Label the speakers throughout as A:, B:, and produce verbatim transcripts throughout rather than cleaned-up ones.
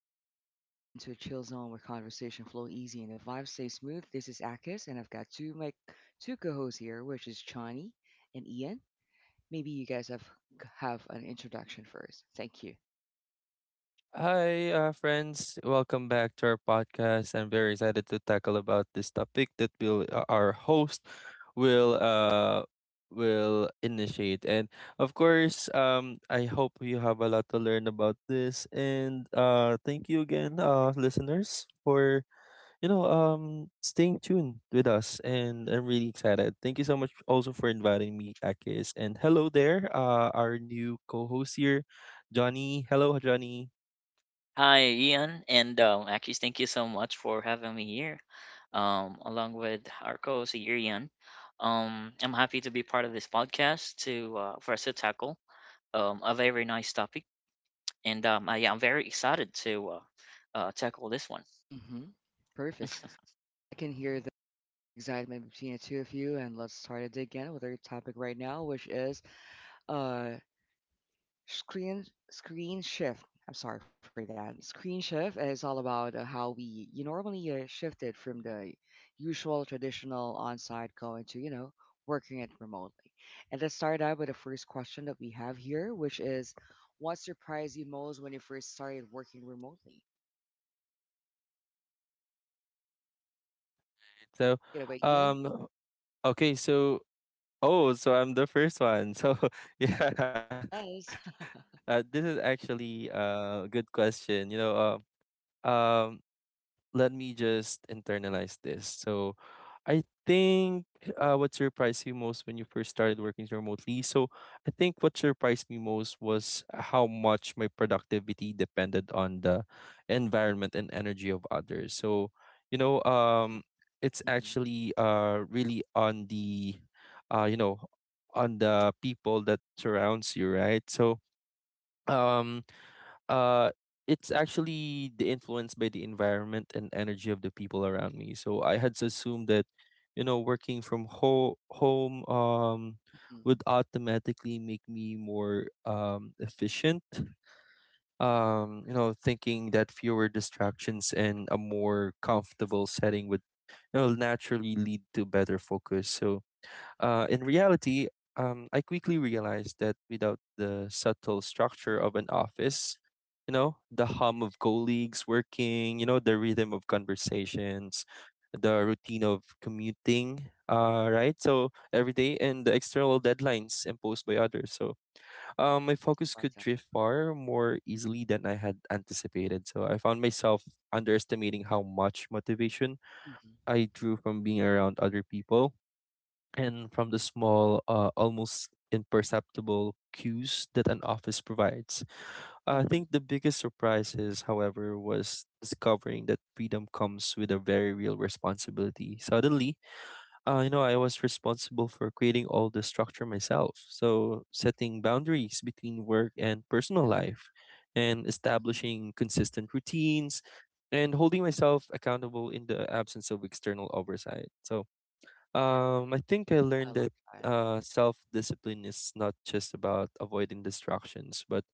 A: everyone. You've just stepped into a chill zone where conversation flow easy and the vibe stays smooth. This is Akis, and I've got two my two co-hosts here, which is Chani and Ian. Maybe you guys have have an introduction first. Thank you.
B: Hi, uh, friends. Welcome back to our podcast. I'm very excited to tackle about this topic that will uh, our host will uh will initiate. And of course, um, I hope you have a lot to learn about this. And uh, thank you again, uh, listeners, for you know um staying tuned with us. And I'm really excited. Thank you so much also for inviting me, Akis. And hello there, uh, our new co-host here, Johnny. Hello, Johnny.
C: Hi, Ian, and um, actually, thank you so much for having me here, um, along with our co-host here, Ian. Um, I'm happy to be part of this podcast to uh, for us to tackle um, a very nice topic, and um, I, yeah, I'm very excited to uh, uh, tackle this one.
A: Mm-hmm. Perfect. Well, I can hear the excitement between the two of you, and let's start it again with our topic right now, which is uh Screen screen shift. I'm sorry for that. Screen shift is all about uh, how we you normally uh, shifted from the usual traditional on-site going to you know working it remotely. And let's start out with the first question that we have here, which is, what surprised you most when you first started working remotely?
B: So,
A: Take it away, Ian.
B: um, okay, so oh, so I'm the first one. So yeah, uh, this
A: Yes.
B: is actually uh, a good question. You know, um, um, Let me just internalize this. So I think uh, what surprised you most when you first started working remotely? So I think what surprised me most was how much my productivity depended on the environment and energy of others. So, you know, um, it's
A: Mhm,
B: actually uh, really on the, uh, you know, on the people that surrounds you, right? So, um, uh it's actually the influence by the environment and energy of the people around me. So I had assumed that you know working from ho- home um
A: mhm,
B: would automatically make me more um efficient, um you know, thinking that fewer distractions and a more comfortable setting would, you know naturally lead to better focus. So uh, in reality, um, I quickly realized that without the subtle structure
A: mhm,
B: of an office, you know, the hum of colleagues working, you know, the rhythm of conversations, the routine of commuting, uh, right? So every day, and the external deadlines imposed by others. So um, my
A: mhm.
B: focus
A: I love
B: could
A: that.
B: drift far more easily than I had anticipated. So I found myself underestimating how much motivation
A: Mhm,
B: I drew from being around other people, and from the small, uh, almost imperceptible cues that an office provides. I think
A: mhm.
B: the biggest surprise, is, however, was discovering that freedom comes with a very real responsibility. Suddenly, uh, you know, I was responsible for creating all the structure myself. So, setting boundaries between work and personal
A: Yeah.
B: life, and
A: Mhm.
B: establishing consistent routines, and holding myself accountable in the absence of external oversight. So, um, I think I learned
A: I
B: that
A: love that.
B: uh, self-discipline is not just about avoiding distractions, but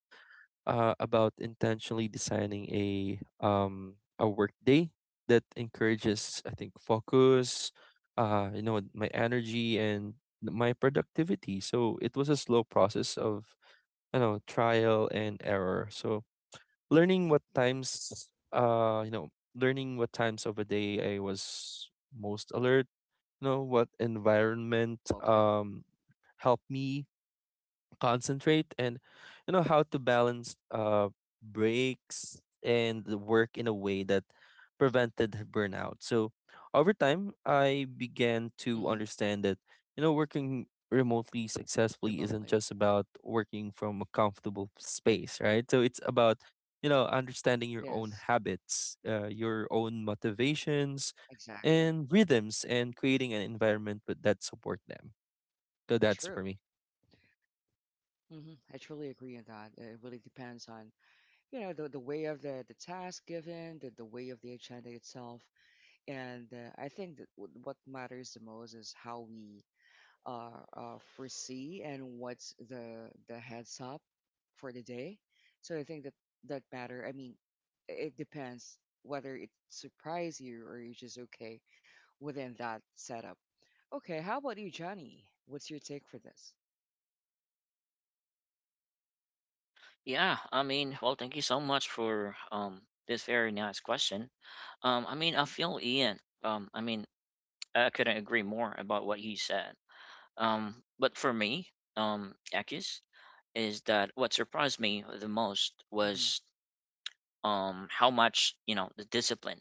B: uh, about intentionally designing a um a workday that encourages, I think, focus, uh, you know, my energy, and th- my productivity. So it was a slow process of, you know, trial and error. So learning what
A: Mhm.
B: times, uh, you know, learning what times of a day I was most alert, know what environment
A: Oh, okay.
B: um helped me concentrate, and you know how to balance uh breaks and the work in a way that prevented burnout. So over time I began to
A: Hmm.
B: understand that, you know, working remotely successfully isn't
A: Remotely.
B: just about working from a comfortable space, right? So it's about, you know,
A: Yes.
B: understanding your own habits, uh, your own
A: Exactly.
B: motivations and rhythms, and creating an environment with- that support them.
A: True.
B: So that's for me.
A: Hmm. I truly agree on that. Uh, It really depends on, you know, the, the way of the, the task given, the, the way of the agenda itself. And uh, I think that w- what matters the most is how we uh, uh, foresee and what's the, the heads up for the day. So I think that that matter. I mean, it depends whether it surprise you or you're just okay within that setup. Okay, how about you, Johnny? What's your take for this?
C: Yeah, I mean, well, thank you so much for um, this very nice question. Um, I mean, I
A: Mhm,
C: feel Ian. Um, I mean, I couldn't agree more about what you said. Um, but for me, um, Akis, is that what surprised me the most
A: mhm,
C: was um how much you know the discipline,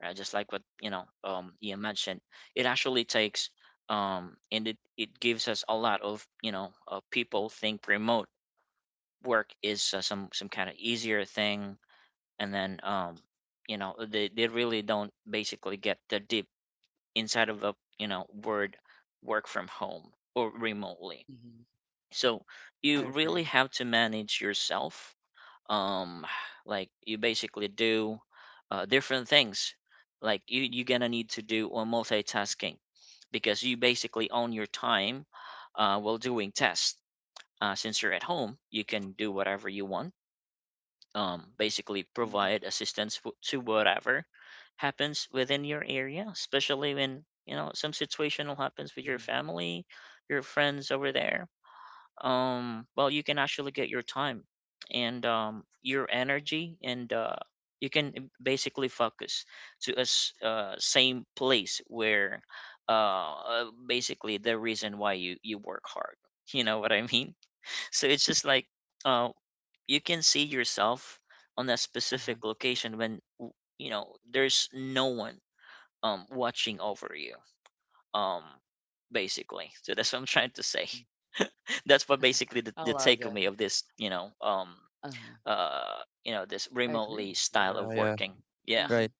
C: right? Just like what you know um you mentioned, it actually takes um and it it gives us a lot of, you know uh, people think remote work is uh, some some kind of easier thing, and then um you know they they really don't basically get the deep inside of the you know word, work from home or remotely.
A: mhm.
C: So
A: I
C: you really
A: agree.
C: have to manage yourself. um like you basically do uh, different things. Like you you're gonna need to do uh, multitasking because you basically own your time, uh, while doing tests. Uh, since you're at home, you can do whatever you want, um, basically
A: Mhm,
C: provide assistance w- to whatever happens within your area, especially when you know some situational happens with your
A: mhm.
C: family, your friends over there. Um well, you can actually get your time and um your energy, and uh you can e, basically focus to a s- uh, same place where uh uh, basically the reason why you you work hard, you know what I mean? So it's just like uh you can see yourself on a
A: Uh-huh,
C: specific location when w- you know there's no one um watching over you, um basically. So that's what I'm trying to say.
A: mhm.
C: That's what basically the,
A: I
C: the
A: love that.
C: takeaway of this, you know um
A: Uh-huh.
C: uh you know,
B: yeah
C: this
B: yeah
A: I
C: remotely
A: agree.
B: right.
C: style of working. Yeah.
A: Hmm.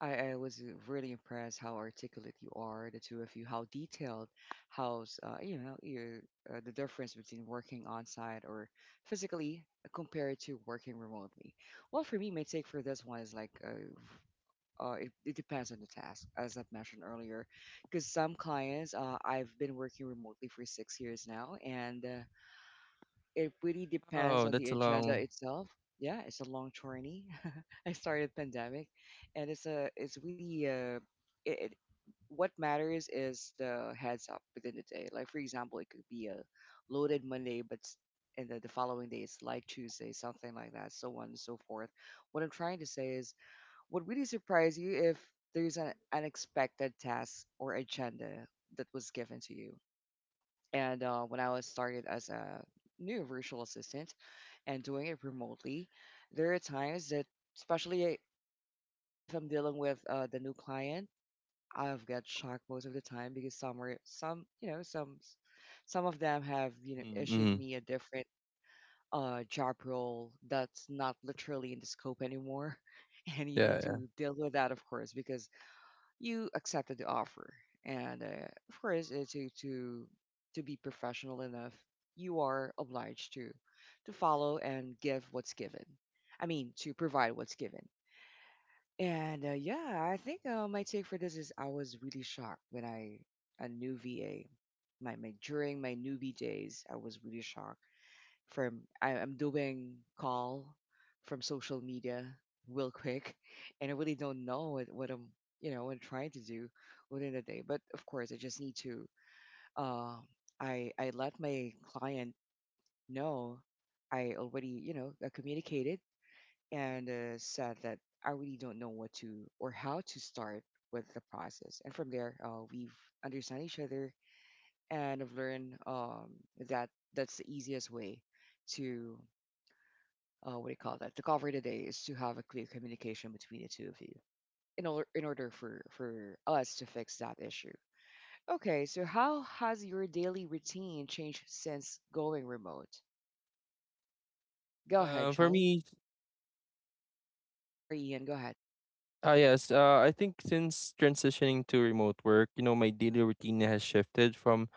A: I, I was uh, really impressed how articulate you are, the two of you, how detailed, how, s- uh, you know, your, uh, the difference between working on site or physically compared to working remotely. Well, for me, my take for this one is like uh, uh, it, it depends on the task, as I've mentioned earlier. Because some clients, uh, I've been working remotely for six years now, and uh, it really
B: Oh, that's a
A: depends on
B: long.
A: the agenda itself. Yeah, it's a long journey. I started pandemic, and it's a it's really uh, it, it what matters is the heads up within the day. Like for example, it could be a loaded Monday, but s- and the, the following day it's like Tuesday, something like that, so on and so forth. What I'm trying to say is would really surprise you if there's an unexpected task or agenda that was given to you. And uh, when I was started as a new virtual assistant and doing it remotely, there are times that, especially if I'm dealing with uh, the new client, I've got shocked most of the time because some are some you know some some of them have you know
B: Mhm,
A: issued
B: mhm.
A: me a different uh, job role that's not literally in the scope anymore, and you need
B: Yeah, yeah.
A: to deal with that of course because you accepted the offer and uh, of course uh, to to to be professional enough you are obliged to to follow and give what's given. I mean, to provide what's given. And uh, yeah, I think uh, my take for this is I was really shocked when I a new VA. My, my during my newbie days I was really shocked from I, I'm doing call from social media real quick, and I really don't know what, what I'm you know what I'm trying to do within the day. But of course, I just need to. Uh, I I let my client know. I already you know uh, communicated and uh, said that I really don't know what to or how to start with the process. And from there, uh, we've understand each other, and I've learned um, that that's the easiest way to uh, what do you call that? The cover today is to have a clear communication between the two of you in order in order for for us to fix that issue. Okay, so how has your daily routine changed since going remote? Go ahead,
B: Um, for
A: Shani.
B: me,
A: Sorry, Ian. Go ahead.
B: ah, yes. Uh, I think since transitioning to remote work, you know, my daily routine has shifted from,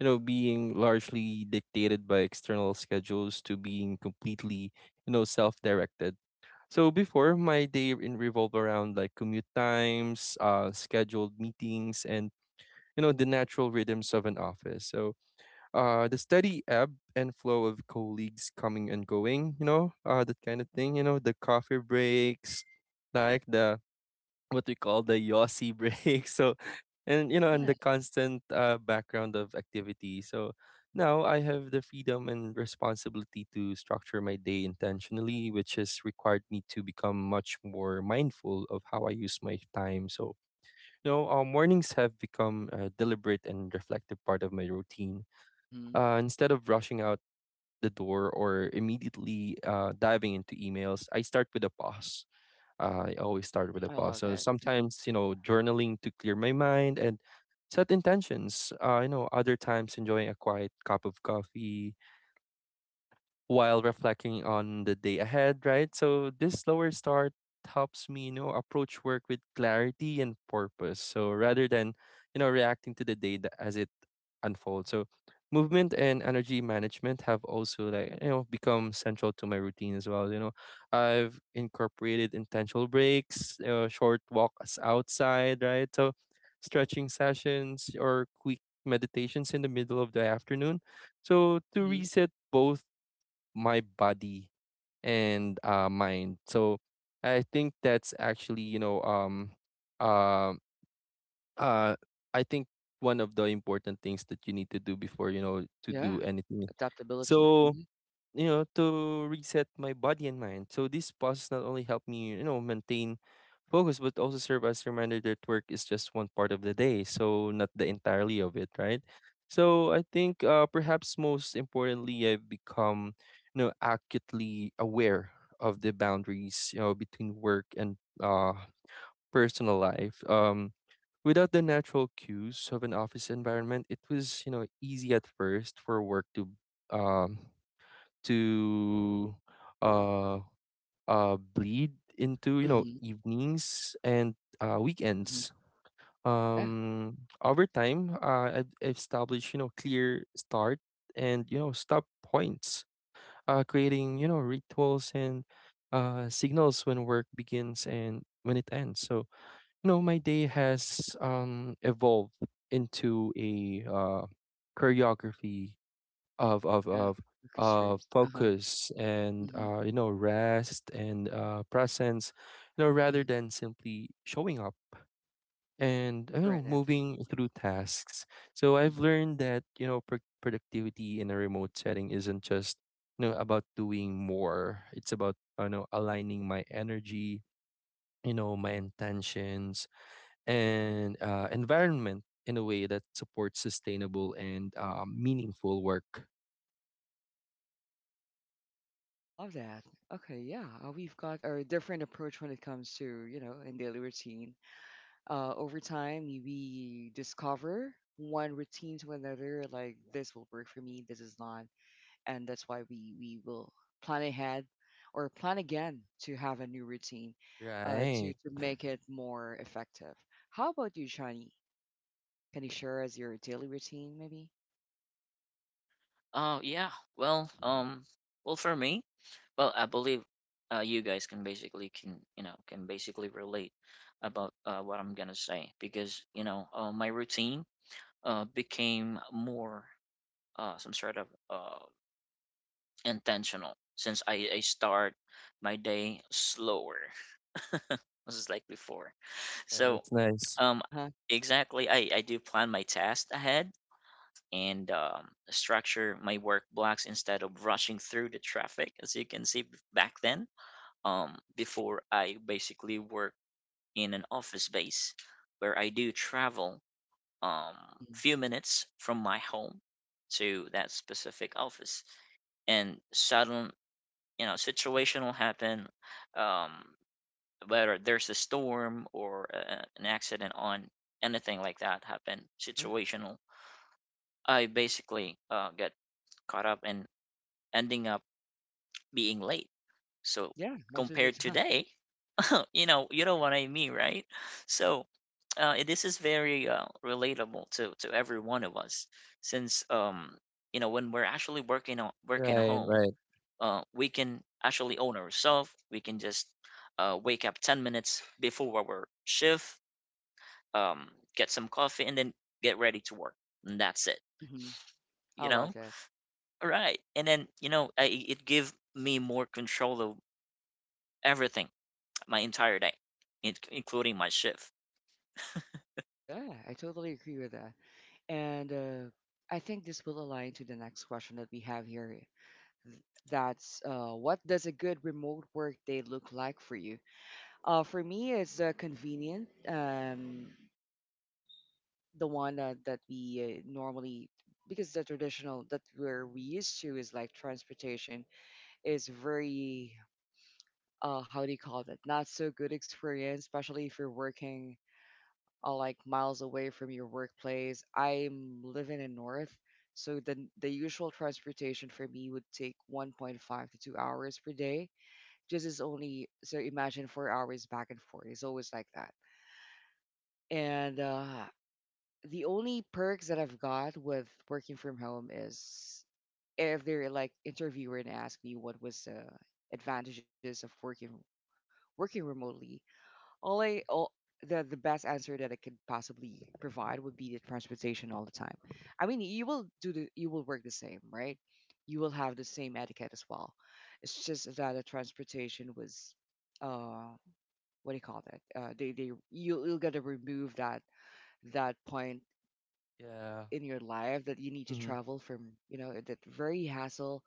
B: you know, being largely dictated by external schedules to being completely, you know, self-directed. So before, my day in revolved around like commute times, uh, scheduled meetings, and you know the natural rhythms of an office. So uh the steady ebb and flow of colleagues coming and going, you know, uh that kind of thing, you know, the coffee breaks, like the what we call the yossi break. So, and you know, and
A: Yeah.
B: the constant uh background of activity. So now I have the freedom and responsibility to structure my day intentionally, which has required me to become much more mindful of how I use my time. So, you know uh, mornings have become a deliberate and reflective part of my routine.
A: Hmm.
B: Uh, instead of rushing out the door or immediately uh, diving into emails, I start with a pause. Uh, I always start with a
A: I
B: pause.
A: love
B: So
A: that.
B: sometimes, you know, journaling to clear my mind and set intentions. Uh, you know, other times enjoying a quiet cup of coffee while reflecting on the day ahead, right? So this slower start helps me, you know, approach work with clarity and purpose. So rather than, you know, reacting to the day tha- as it unfolds. So movement and energy management have also, like, you know, become central to my routine as well. You know, I've incorporated intentional breaks, uh, short walks outside, right? So stretching sessions or quick meditations in the middle of the afternoon. So to
A: Hmm.
B: reset both my body and uh, mind. So I think that's actually you know um uh, uh I think one of the important things that you need to do before, you know, to do
A: Yeah.
B: anything.
A: Adaptability.
B: So,
A: Hmm,
B: you know, to reset my body and mind. So these pauses not only help me, you know, maintain focus, but also serve as a reminder that work is just one part of the day, so not the entirely of it, right? So I think uh, perhaps most importantly, I've become, you know, acutely aware of the boundaries, you know, between work and uh personal life. Um without the natural cues of an office environment, it was, you know, easy at first for work to um to uh uh bleed into, you know,
A: hmm,
B: evenings and uh
A: hmm.
B: weekends.
A: Yeah.
B: um Over time, uh, I've established, you know, clear start and, you know, stop points, uh creating, you know, rituals and uh signals when work begins and when it ends. So, you know, my day has um evolved into a uh choreography of of
A: Yeah.
B: of
A: Because,
B: uh
A: Uh huh.
B: focus and
A: hmm,
B: uh you know, rest, and uh presence, you know,
A: mm-hmm.
B: rather than simply showing up and, you
A: Fair
B: know,
A: enough.
B: moving through tasks. So I've learned that, you know, pro- productivity in a remote setting isn't just, you know, about doing more. It's about, you know, aligning my energy, you know, my intentions, and uh environment in a way that supports sustainable and uh, meaningful work.
A: I love that. Okay, yeah, uh, we've got a different approach when it comes to, you know, in daily routine. Uh, over time, we discover one routine to another, like this will work for me, this is not, and that's why we we will plan ahead or plan again to have a new routine, uh, to
B: Right.
A: to make it more effective. How about you, Shani? Can you share us your daily routine, maybe?
C: Oh yeah. Well, um well, for me, well, I believe uh you guys can basically can, you know can basically relate about uh, what I'm gonna say. Because you know uh, my routine uh became more uh some sort of uh intentional since i i start my day slower. This is like before.
B: Yeah,
C: So,
B: that's nice.
C: um,
A: Uh huh.
C: exactly, I, I do plan my tasks ahead and um, structure my work blocks instead of rushing through the traffic, as you can see b- back then. Um, before I basically work in an office base where I do travel um
A: Hmm.
C: few minutes from my home to that specific office, and sudden, you know, situation will happen. Um, Whether there's a storm or a, an accident on, anything like that happen,
A: Uh huh.
C: situational, I basically uh, get caught up and ending up being late. So
A: Yeah, most of the
C: compared
A: time.
C: today, you know, you know what I mean, right? So uh, it- this is very uh, relatable to to every one of us, since um you know, when we're actually working on, working at
B: Right,
C: home,
B: right.
C: uh, we can actually own ourselves. We can just uh, wake up ten minutes before our shift, um, get some coffee, and then get ready to work. And that's it.
A: hmm. I
C: You
A: love
C: know,
A: that.
C: all right. And then, you know, I, it give me more control of everything, my entire day, in- including my shift.
A: Yeah, I totally agree with that. And uh, I think this will align to the next question that we have here. th- That's uh, what does a good remote work day look like for you? Uh, for me, it's uh, convenient, um, the one that, that we uh, normally, because the traditional that we're we used to is like transportation is very, uh, how do you call that? Not so good experience, especially if you're working uh, like miles away from your workplace. I'm living in North, so the the usual transportation for me would take one point five to two hours per day. Just is only so imagine four hours back and forth. It's always like that. And uh, the only perks that I've got with working from home is if they're like interviewer and ask me what was the advantages of working working remotely only all, the the best answer that I could possibly provide would be the transportation all the time. I mean, you will do the you will work the same, right? You will have the same etiquette as well. It's just that the transportation was, uh, what do you call that? Uh, they they you you gotta remove that that point
B: Yeah.
A: in your life that you need to
B: Mm-hmm.
A: travel from you know that very hassle,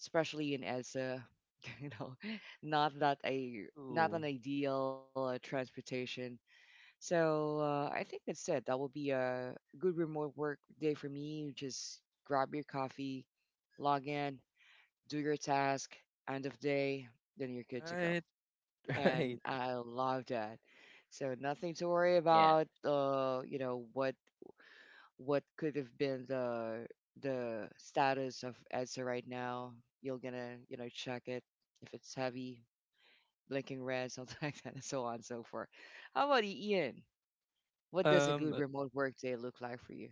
A: especially in as a, you know, not that a not an
B: Ooh.
A: ideal uh, transportation. So uh, I think that's it. That will be a good remote work day for me. Just grab your coffee, log in, do your task, end of day, then you're good to go.
B: Right, right.
A: And I love that. So nothing to worry
C: Yeah.
A: about. Uh, you know what what could have been the the status of EDSA right now. You're gonna you know check it if it's heavy, blinking red, something like that, and so on and so forth. How about you, Ian? What does a good
B: Um
A: remote work day look like for you?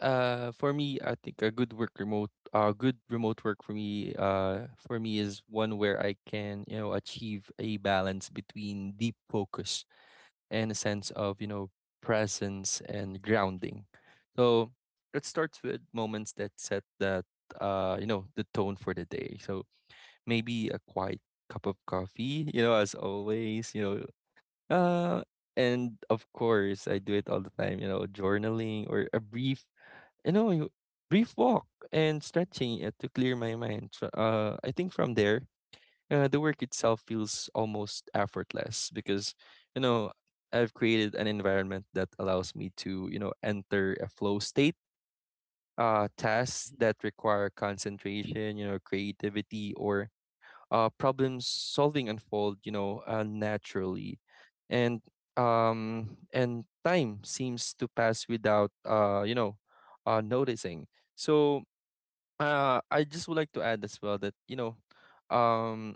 B: uh for me, I think a good work remote uh good remote work for me uh for me is one where I can, you know, achieve a balance between deep focus and a sense of, you know, presence and grounding. So it starts with moments that set that uh you know, the tone for the day. So maybe a quiet cup of coffee, you know, as always, you know. Uh, and of course, I do it all the time, you know, journaling or a brief, you know, you- brief walk and stretching uh, to clear my mind. So, Uh, I think from there, uh, the work itself feels almost effortless because, you know, I've created an environment that allows me to, you know, enter a flow state. Uh, tasks
A: Hmm,
B: that require concentration, you know, creativity, or uh, problem solving unfold, you know, uh, naturally, and um, and time seems to pass without uh, you know, uh, noticing. So uh, I just would like to add as well that, you know, um,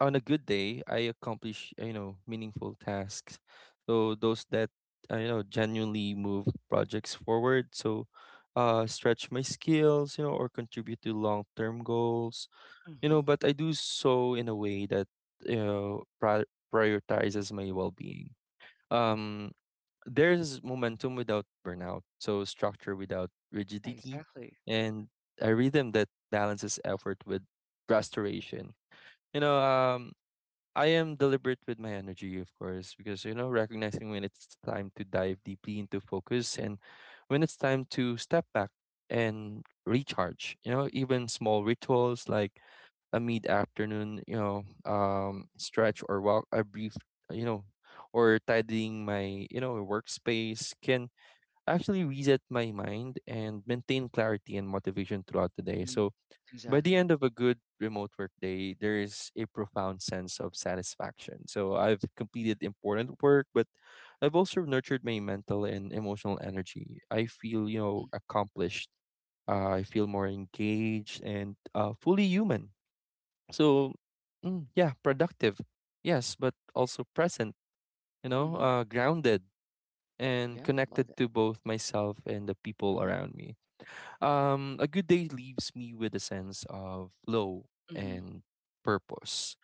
B: on a good day, I accomplish uh, you know, meaningful tasks. So those that uh, you know, genuinely move projects forward. So uh, stretch my skills, you know, or contribute to long term goals, you know.
A: hmm.
B: But I do so in a way that, you know, pri- prioritizes my well-being. um there's momentum without burnout, so structure without
A: Yeah,
B: rigidity,
A: exactly.
B: and a rhythm that balances effort with restoration, you know um I am deliberate with my energy, of course, because, you know, recognizing when it's time to dive deeply into focus and when it's time to step back and recharge, you know. Even small rituals like a mid-afternoon, you know, um, stretch or walk, a brief, you know, or tidying my, you know, workspace can actually reset my mind and maintain clarity and motivation throughout the day.
A: Hmm.
B: So by the
A: Exactly.
B: end of a good remote work day, there is a profound sense of satisfaction. So I've completed important work, but I've also nurtured my mental and emotional energy. I feel, you
A: Hmm,
B: know, accomplished. Uh, I feel more engaged and uh, fully human. So, mm, yeah, productive, yes, but also present, you know,
A: hmm.
B: uh, grounded, and
A: Yeah, I love
B: connected
A: that.
B: to both myself and the people
A: Hmm,
B: around me. Um, a good day leaves me with a sense of flow
A: hmm,
B: and purpose.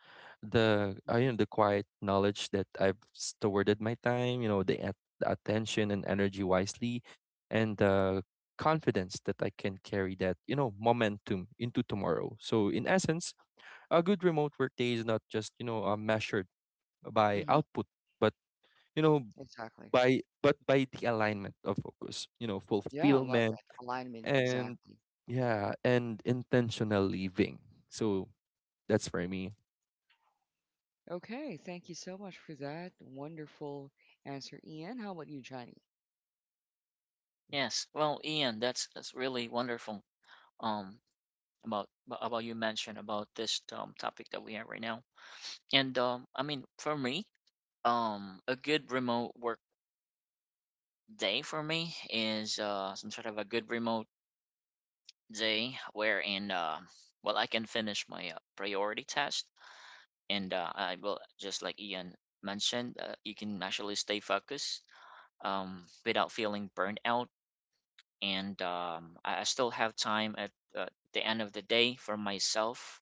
B: The uh,
A: hmm,
B: you know, the quiet knowledge that I've stewarded my time, you know, the, at- the attention and energy wisely, and the confidence that I can carry that, you know, momentum into tomorrow. So, in essence, a good remote work day is not just, you know, uh, measured by
A: hmm.
B: output, but, you know,
A: Exactly.
B: by but by the alignment of focus, you know,
A: Yeah, I love
B: fulfillment,
A: that alignment.
B: and
A: Exactly.
B: yeah, and intentional living. So that's for me.
A: Okay, thank you so much for that wonderful answer, Ian. How about you, Johnny?
C: Yes. Well, Ian, that's that's really wonderful. Um, about about you mentioned about this um topic that we have right now. And um, I mean, for me, um, a good remote work day for me is uh some sort of a good remote day wherein uh, well, I can finish my uh, priority test, and uh, I will just like Ian mentioned, uh, you can actually stay focused um, without feeling burned out. And um, I, I still have time at uh, the end of the day for myself,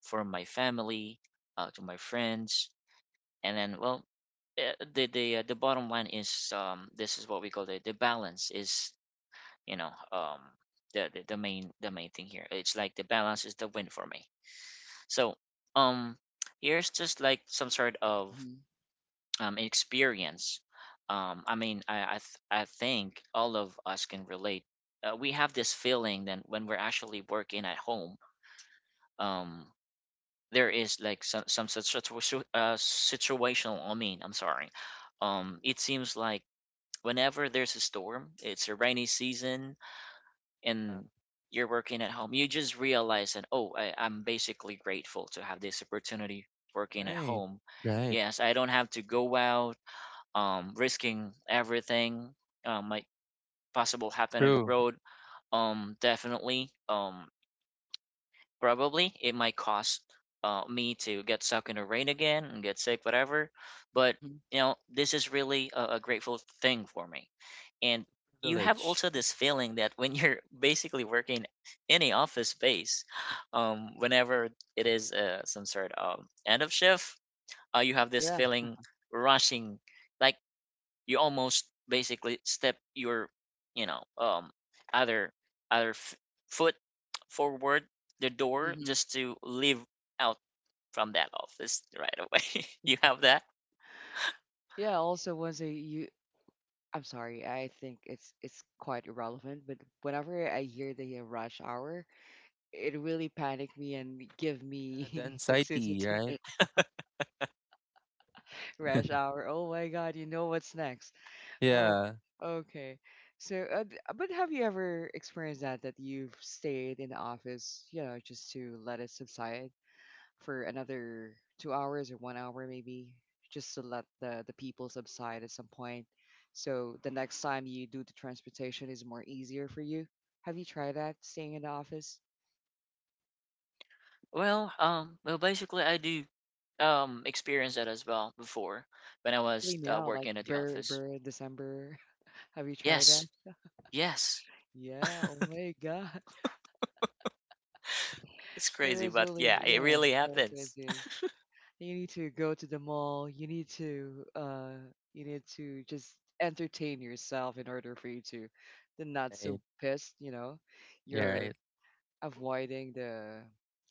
C: for my family, uh, to my friends. And then, well eh, the the uh, the bottom line is, um, this is what we call the, the balance. Is you know um the, the the main, the main thing here, it's like the balance is the win for me. So um here's just like some sort of
A: Hmm,
C: um experience. um I mean, i i, th- I think all of us can relate. Uh, we have this feeling that when we're actually working at home, um there is like some some such situa- uh, situational, I mean, I'm sorry, um it seems like whenever there's a storm, it's a rainy season,
B: Uh,
C: and you're working at home. You just realize that, oh, I, I'm basically grateful to have this opportunity working at
B: right.
C: home.
B: Right.
C: Yes, I don't have to go out, um, risking everything, um, might possible happen on the
B: True.
C: road. Um, definitely, um, probably it might cost uh, me to get stuck in the rain again and get sick, whatever. But,
A: hmm.
C: you know, this is really a, a grateful thing for me. And you have
B: Privilege.
C: also this feeling that when you're basically working in a office space, um, whenever it is uh, some sort of end of shift, uh, you have this
A: Yeah.
C: feeling rushing, like you almost basically step your, you know um, other, other f- foot forward the door
A: Hmm.
C: just to leave out from that office right away. You have that.
A: Yeah. Also, once I, you, I'm sorry. I think it's it's quite irrelevant, but whenever I hear the uh, rush hour, it really panicked me and give
B: Yeah, the
A: me
B: anxiety,
A: toxicity
B: right?
A: rash hour. Oh my god, you know what's next. Oh,
B: Yeah.
A: okay. So, uh, d- uh, but have you ever experienced that that you've stayed in the office, you know, just to let it subside for another two hours or one hour maybe, just to let the the people subside at some point. So the next time you do the transportation is more easier for you. Have you tried that, staying in the office?
C: Well, um, well, basically, I do um experience that as well before, when I
A: Especially
C: was uh,
A: now, like
C: working at the
A: Burr
C: office.
A: Burr December. Have you tried that?
C: Yes, yes,
A: Yeah, oh my God.
C: it's
A: It
C: crazy,
A: was
C: but yeah,
A: really,
C: it
A: yeah,
C: really
A: so
C: happens.
A: crazy. You need to go to the mall. You need to, uh, you need to just entertain yourself in order for you to, to not so
B: Right.
A: pissed, you know.
B: Yeah,
A: You're
B: right.
A: avoiding the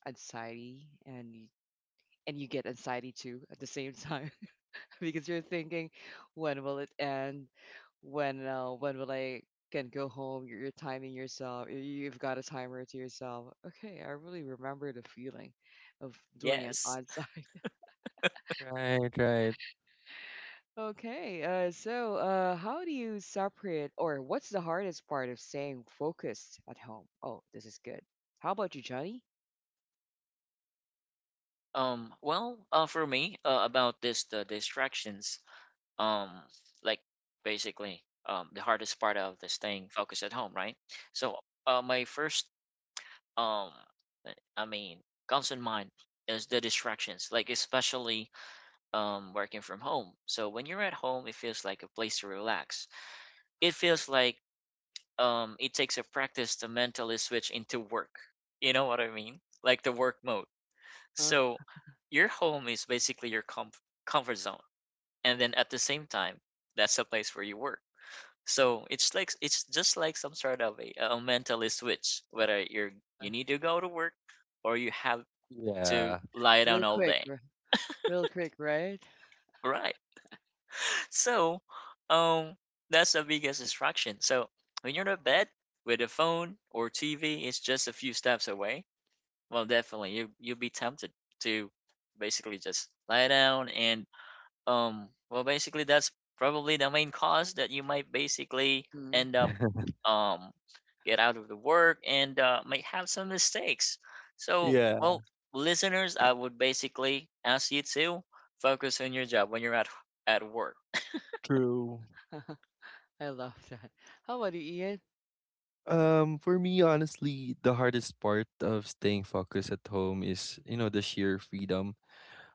A: anxiety and y- and you get anxiety too at the same time. because you're thinking, when will it end? When uh, when will I can go home? You're, you're timing yourself. You- You've got a timer to yourself. Okay, I really remember the feeling of doing it
C: Yes.
A: on site.
B: Right, right.
A: Okay, uh, so uh, how do you separate, or what's the hardest part of staying focused at home? Oh, this is good. How about you, Johnny?
C: Um. Well, uh, for me, uh, about this, the distractions. Um, like basically, um, the hardest part of this thing, focus at home, right? So, uh, my first, um, I mean, comes in mind is the distractions, like especially um, working from home. So when you're at home, it feels like a place to relax. It feels like, um, it takes a practice to mentally switch into work. You know what I mean? Like the work mode.
A: Uh
C: So
A: huh.
C: your home is basically your comf- comfort zone, and then at the same time, that's the place where you work. So it's like it's just like some sort of a, a mentally switch. Whether you're,
A: Uh huh.
C: you need to go to work, or you have to
B: Yeah.
C: lie down
A: Real
C: all
A: quick,
C: day.
A: r- real quick, right?
C: Right. So, um, that's the biggest distraction. So when you're in bed with a phone or T V is just a few steps away, well, definitely you you'll be tempted to basically just lie down, and um, well, basically that's probably the main cause that you might basically
A: Mm-hmm.
C: end up, um get out of the work, and uh, might have some mistakes. So,
B: yeah.
C: well, listeners, I would basically ask you to focus on your job when you're at at work.
B: True.
A: I love that. How about you, Ian?
B: Um, for me, honestly, the hardest part of staying focused at home is, you know, the sheer freedom.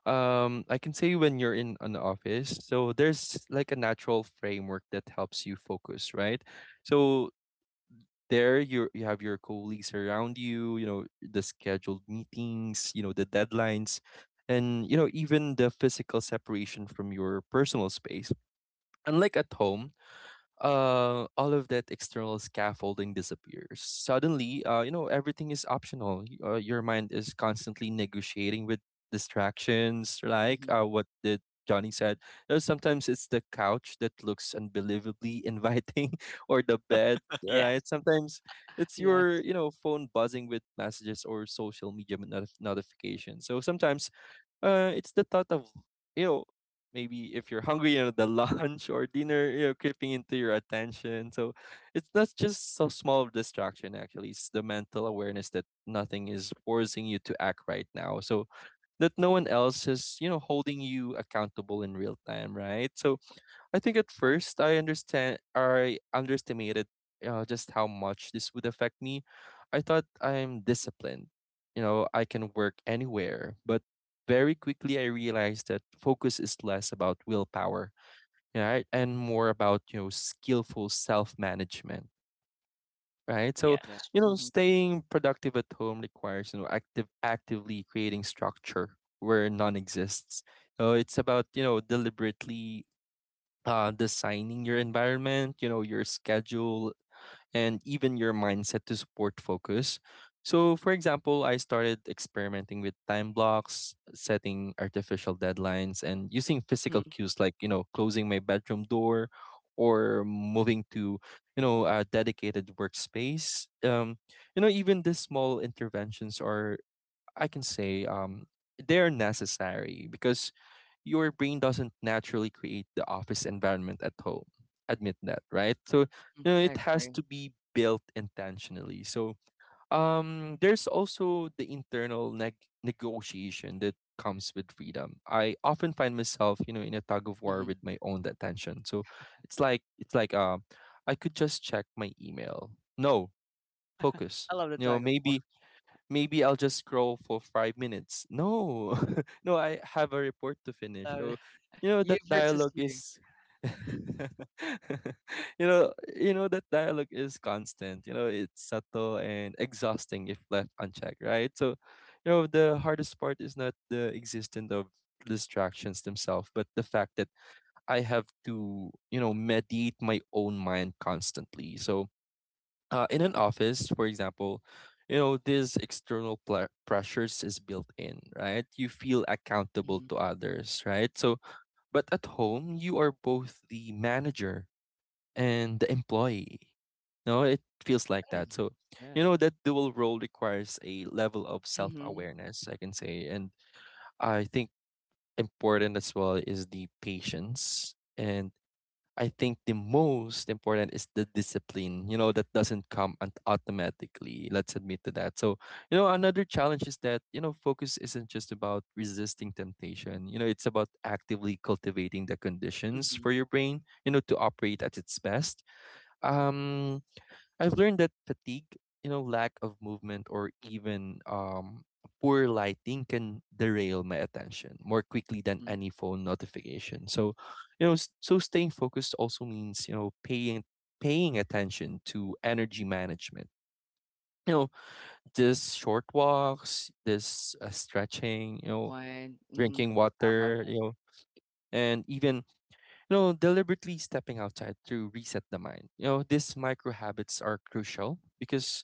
B: Um, I can say when you're in an office, so there's like a natural framework that helps you focus, right? So there you you have your colleagues around you, you know, the scheduled meetings, you know, the deadlines, and
A: Mm-hmm,
B: you know, even the physical separation from your personal space. Unlike at home, uh, all of that external scaffolding disappears. Suddenly, uh, you know, everything is optional. Y- Uh, your mind is constantly negotiating with distractions, like
A: mm-hmm.
B: uh, what did Johnny said. You know, sometimes it's the couch that looks unbelievably inviting, or the bed.
C: Yeah.
B: Right? Sometimes it's
A: Yeah.
B: your, you know, phone buzzing with messages or social media not- notifications. So sometimes uh, it's the thought of, you know, maybe if you're hungry, you know, the lunch or dinner, you know, creeping into your attention. So it's not just so small distraction, actually. It's the mental awareness that nothing is forcing you to act right now. So that no one else is, you know, holding you accountable in real time, right? So I think at
A: Uh-huh.
B: first I understand I underestimated uh, just how much this would affect me. I thought I'm disciplined, you know, I can work anywhere, but very quickly I realized that focus is less about willpower, right, and more about you know skillful self management, right? So
A: Love it.
C: Yes.
B: you know,
A: Mhm,
B: staying productive at home requires you know active actively creating structure where none exists. So it's about you know deliberately uh, designing your environment, you know, your schedule, and even your mindset to support focus. So, for example, I started experimenting with time blocks, setting artificial deadlines, and using physical
A: mhm,
B: cues like, you know, closing my bedroom door or moving to, you know, a dedicated workspace. Um, you know, even these small interventions are, I can say, um, they're necessary because your brain doesn't naturally create the office environment at home. Admit that, right? So,
A: mhm.
B: you know,
A: I
B: it has
A: agree.
B: to be built intentionally. So, um, there's also the internal neg- negotiation that comes with freedom. I often find myself, you know, in a tug of war
A: Mhm.
B: with my own attention. So, it's like it's like um, I could just check my email. No, focus.
A: I love the
B: You know,
A: tug of war.
B: maybe maybe I'll just scroll for five minutes. No, no, I have a report to
A: I
B: finish.
A: love
B: So,
A: that.
B: you know,
A: You
B: that
A: versus
B: dialogue
A: you.
B: is, you know, you know, that dialogue is constant. You know, it's subtle and exhausting if left unchecked, right? So, you know, the hardest part is not the existence of distractions themselves, but the fact that I have to, you know, mediate my own mind constantly. So, uh, in an office, for example, you know, these external pla pressures is built in, right? You feel accountable
A: Mhm.
B: to others, right? So, but at home, you are both the manager and the employee. No, it feels like
A: Yeah,
B: that. So, you
A: yeah.
B: know, that dual role requires a level of
A: Mhm,
B: self-awareness, I can say. And I think important as well is the patience and I think the most important is the discipline, you know, that doesn't come un- automatically. Let's admit to that. So, you know, another challenge is that, you know, focus isn't just about resisting temptation. You know, it's about actively cultivating the conditions for
A: mhm,
B: your brain, you know, to operate at its best. Um I've learned that fatigue, you know, lack of movement, or even um, poor lighting can derail my attention more quickly than
A: mhm.
B: any phone notification. So, you know, s- so staying focused also means you know paying paying attention to energy management. You know, this short walks, this uh, stretching, you
A: And
B: know,
A: one. Mhm.
B: drinking
A: I love.
B: water, you know, and even you know deliberately stepping outside to reset the mind. You know, these micro habits are crucial because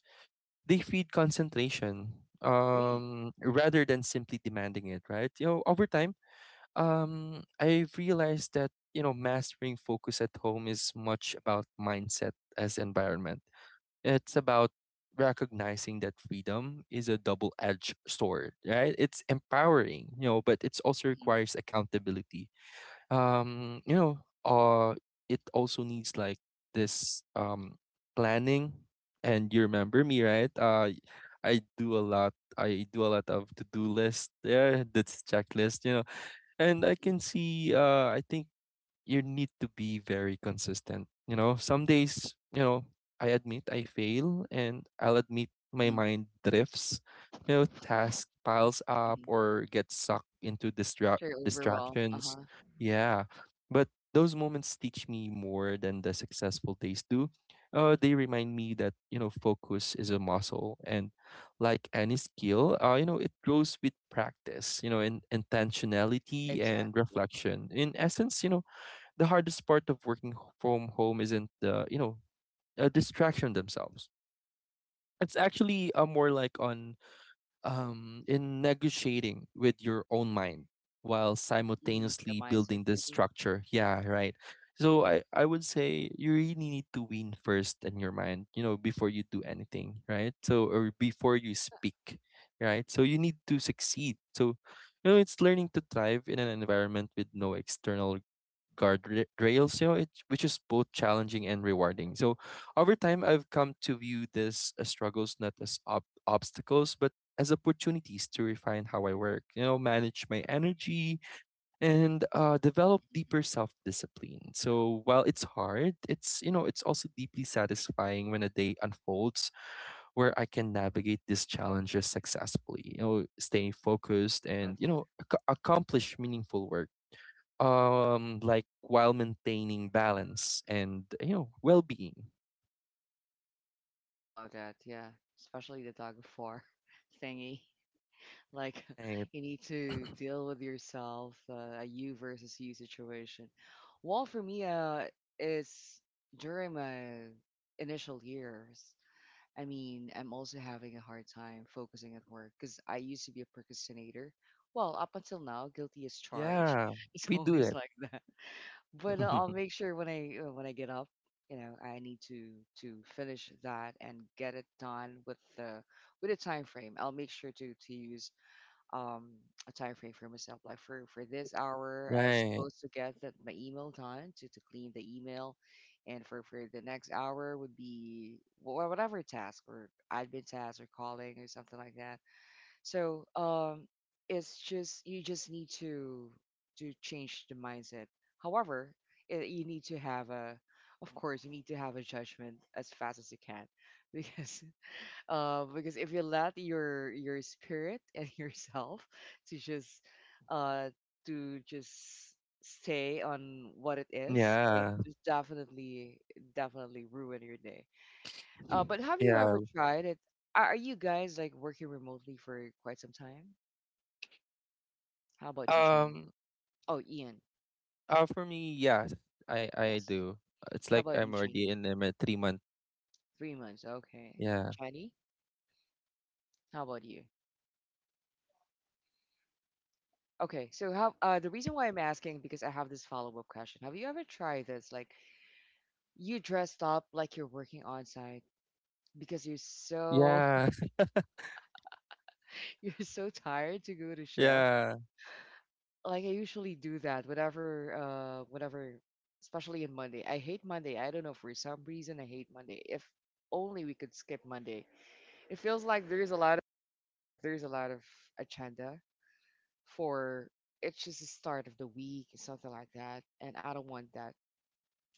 B: they feed concentration
A: Agree.
B: um rather than simply demanding it, right? You know, over time, um I've realized that you know mastering focus at home is much about mindset as environment. It's about recognizing that freedom is a double-edged sword, right? It's empowering, you know, but it also
A: Mhm,
B: requires accountability. Um you know, uh it also needs like this um planning, and you remember me, right? uh I do a lot I do a lot of to-do list there, that's checklist, you know, and I
A: mhm,
B: can see, uh I think you need to be very consistent. You know, some days, you know, I admit I fail and I'll admit my
A: mhm.
B: mind drifts. You know, task
A: Yes.
B: piles up
A: Mhm.
B: or gets sucked into distract
A: Very overwhelmed. Uh
B: distractions.
A: huh.
B: Yeah. But those moments teach me more than the successful days do. Uh, they remind me that, you know, focus is a muscle and like any skill, uh, you know, it grows with practice, you know, in intentionality and
A: Exactly.
B: reflection. In essence, you know, the hardest part of working from home isn't the you know a distraction themselves. It's actually uh, more like on um in negotiating with your own mind while
A: Mm-hmm. The
B: simultaneously
A: mindset.
B: building this
A: Mm-hmm,
B: structure, yeah, right? So i i would say you really need to win first in your mind, you know, before you do anything, right? So or before you speak, right? So you need to succeed. So you know it's learning to thrive in an environment with no external guardrails, you know, it, which is both challenging and rewarding. So over time, I've come to view this as struggles not as ob- obstacles, but as opportunities to refine how I work, you know, manage my energy and uh, develop
A: mm-hmm.
B: deeper self discipline. So while it's hard, it's, you know, it's also deeply satisfying when a day unfolds where I can navigate these challenges successfully, you know, staying focused
A: I love
B: and, you
A: that.
B: know, ac- accomplish meaningful work um like while maintaining balance and you know well-being,
A: I love that. Yeah. Especially the tug of war thingy. Like
B: right?
A: you need to deal with yourself, uh, a you versus you situation. Well, for me, uh, is during my initial years. I mean, I'm also having a hard time focusing at work because I used to be a procrastinator. Well, up until now, guilty as charged.
B: Yeah,
A: It's
B: we do
A: always
B: that,
A: like that. But uh, I'll make sure when I uh, when I get up, you know, I need to to finish that and get it done with the with a time frame. I'll make sure to to use um a time frame for myself, like for for this hour I
B: right?
A: supposed to get that my email done, to to clean the email, and for for the next hour would be wha- whatever task or admin task or calling or something like that. So, um it's just, you just need to to change the mindset. However, it, you need to have a of course you need to have a judgment as fast as you can because, uh, because if you let your your spirit and yourself to just, uh to just stay on what it is, it
B: yeah
A: just definitely definitely ruin your day. Uh but have you
B: yeah
A: ever tried it? Are are you guys, like, working remotely for quite some time? How about you, Shani?
B: um
A: Oh, Ian.
B: uh, for me, yeah i i
A: Yes.
B: do. It's
A: How
B: like
A: about you,
B: I'm already
A: Shani?
B: in a three month.
A: Three months, okay.
B: Yeah.
A: Shani, how about you? Okay, so how uh the reason why I'm asking, because I have this follow-up question. Have you ever tried this, like, you dressed up like you're working on site because you're so
B: Yeah.
A: you're so tired to go to shift.
B: Yeah.
A: Like, I usually do that whenever, uh whenever especially in Monday. I hate Monday. I don't know, for some reason I hate Monday. If only we could skip Monday. It feels like there's a lot of, uh, there's a lot of agenda for, it's just the start of the week and something like that, and I don't want that.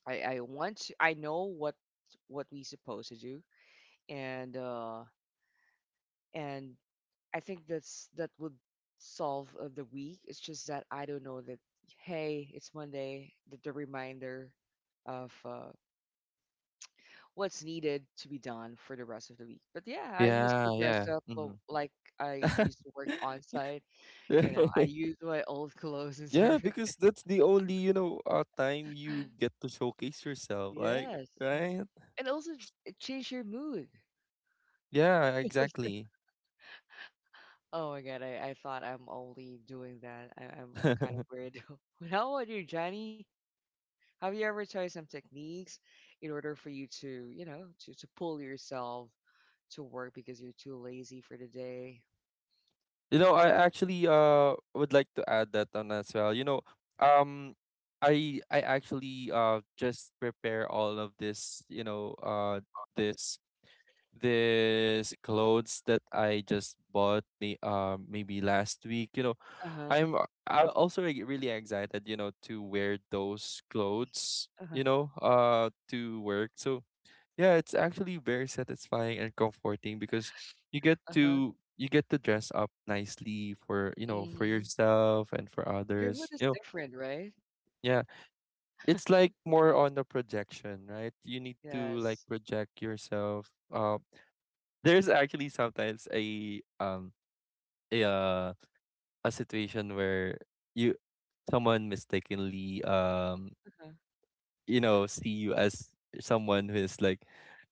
A: I I want to, I know what what we supposed to do, and uh and I think that's that would solve of the week. It's just that I don't know that, hey, it's Monday, the, the reminder of, uh, what's needed to be done for the rest of the week. But yeah, I used to
B: yeah
A: dress
B: yeah
A: up, uh,
B: Mhm.
A: like I used to work on site. You know, I used my old clothes and
B: Yeah,
A: everything.
B: because that's the only you know uh, time you get to showcase yourself, like,
A: Yes,
B: right?
A: and also it changed your mood.
B: Yeah, exactly.
A: Oh my god, I, I thought I'm only doing that. I, I'm I'm kind of weird. How about you, Johnny? Have you ever tried some techniques in order for you to, you know, to, to pull yourself to work because you're too lazy for the day?
B: You know, I actually uh would like to add that on as well. You know, um I I actually uh just prepare all of this, you know, uh this this clothes that I just bought may, uh, maybe last week, you know.
A: Uh huh.
B: I'm uh, I also re- really excited, you know, to wear those clothes,
A: Uh huh.
B: you know, uh to work. So yeah, it's actually very satisfying and comforting because you get
A: Uh huh.
B: to you get to dress up nicely for, you know, for
A: Hmm.
B: yourself and for
A: Your mood
B: others. You
A: is
B: know,
A: different, right?
B: yeah, it's like more on the projection, right? You need to like
A: Yes.
B: project yourself. Uh, there's actually sometimes a um a uh, a situation where you someone mistakenly um
A: Uh-huh.
B: you know see you as someone who is like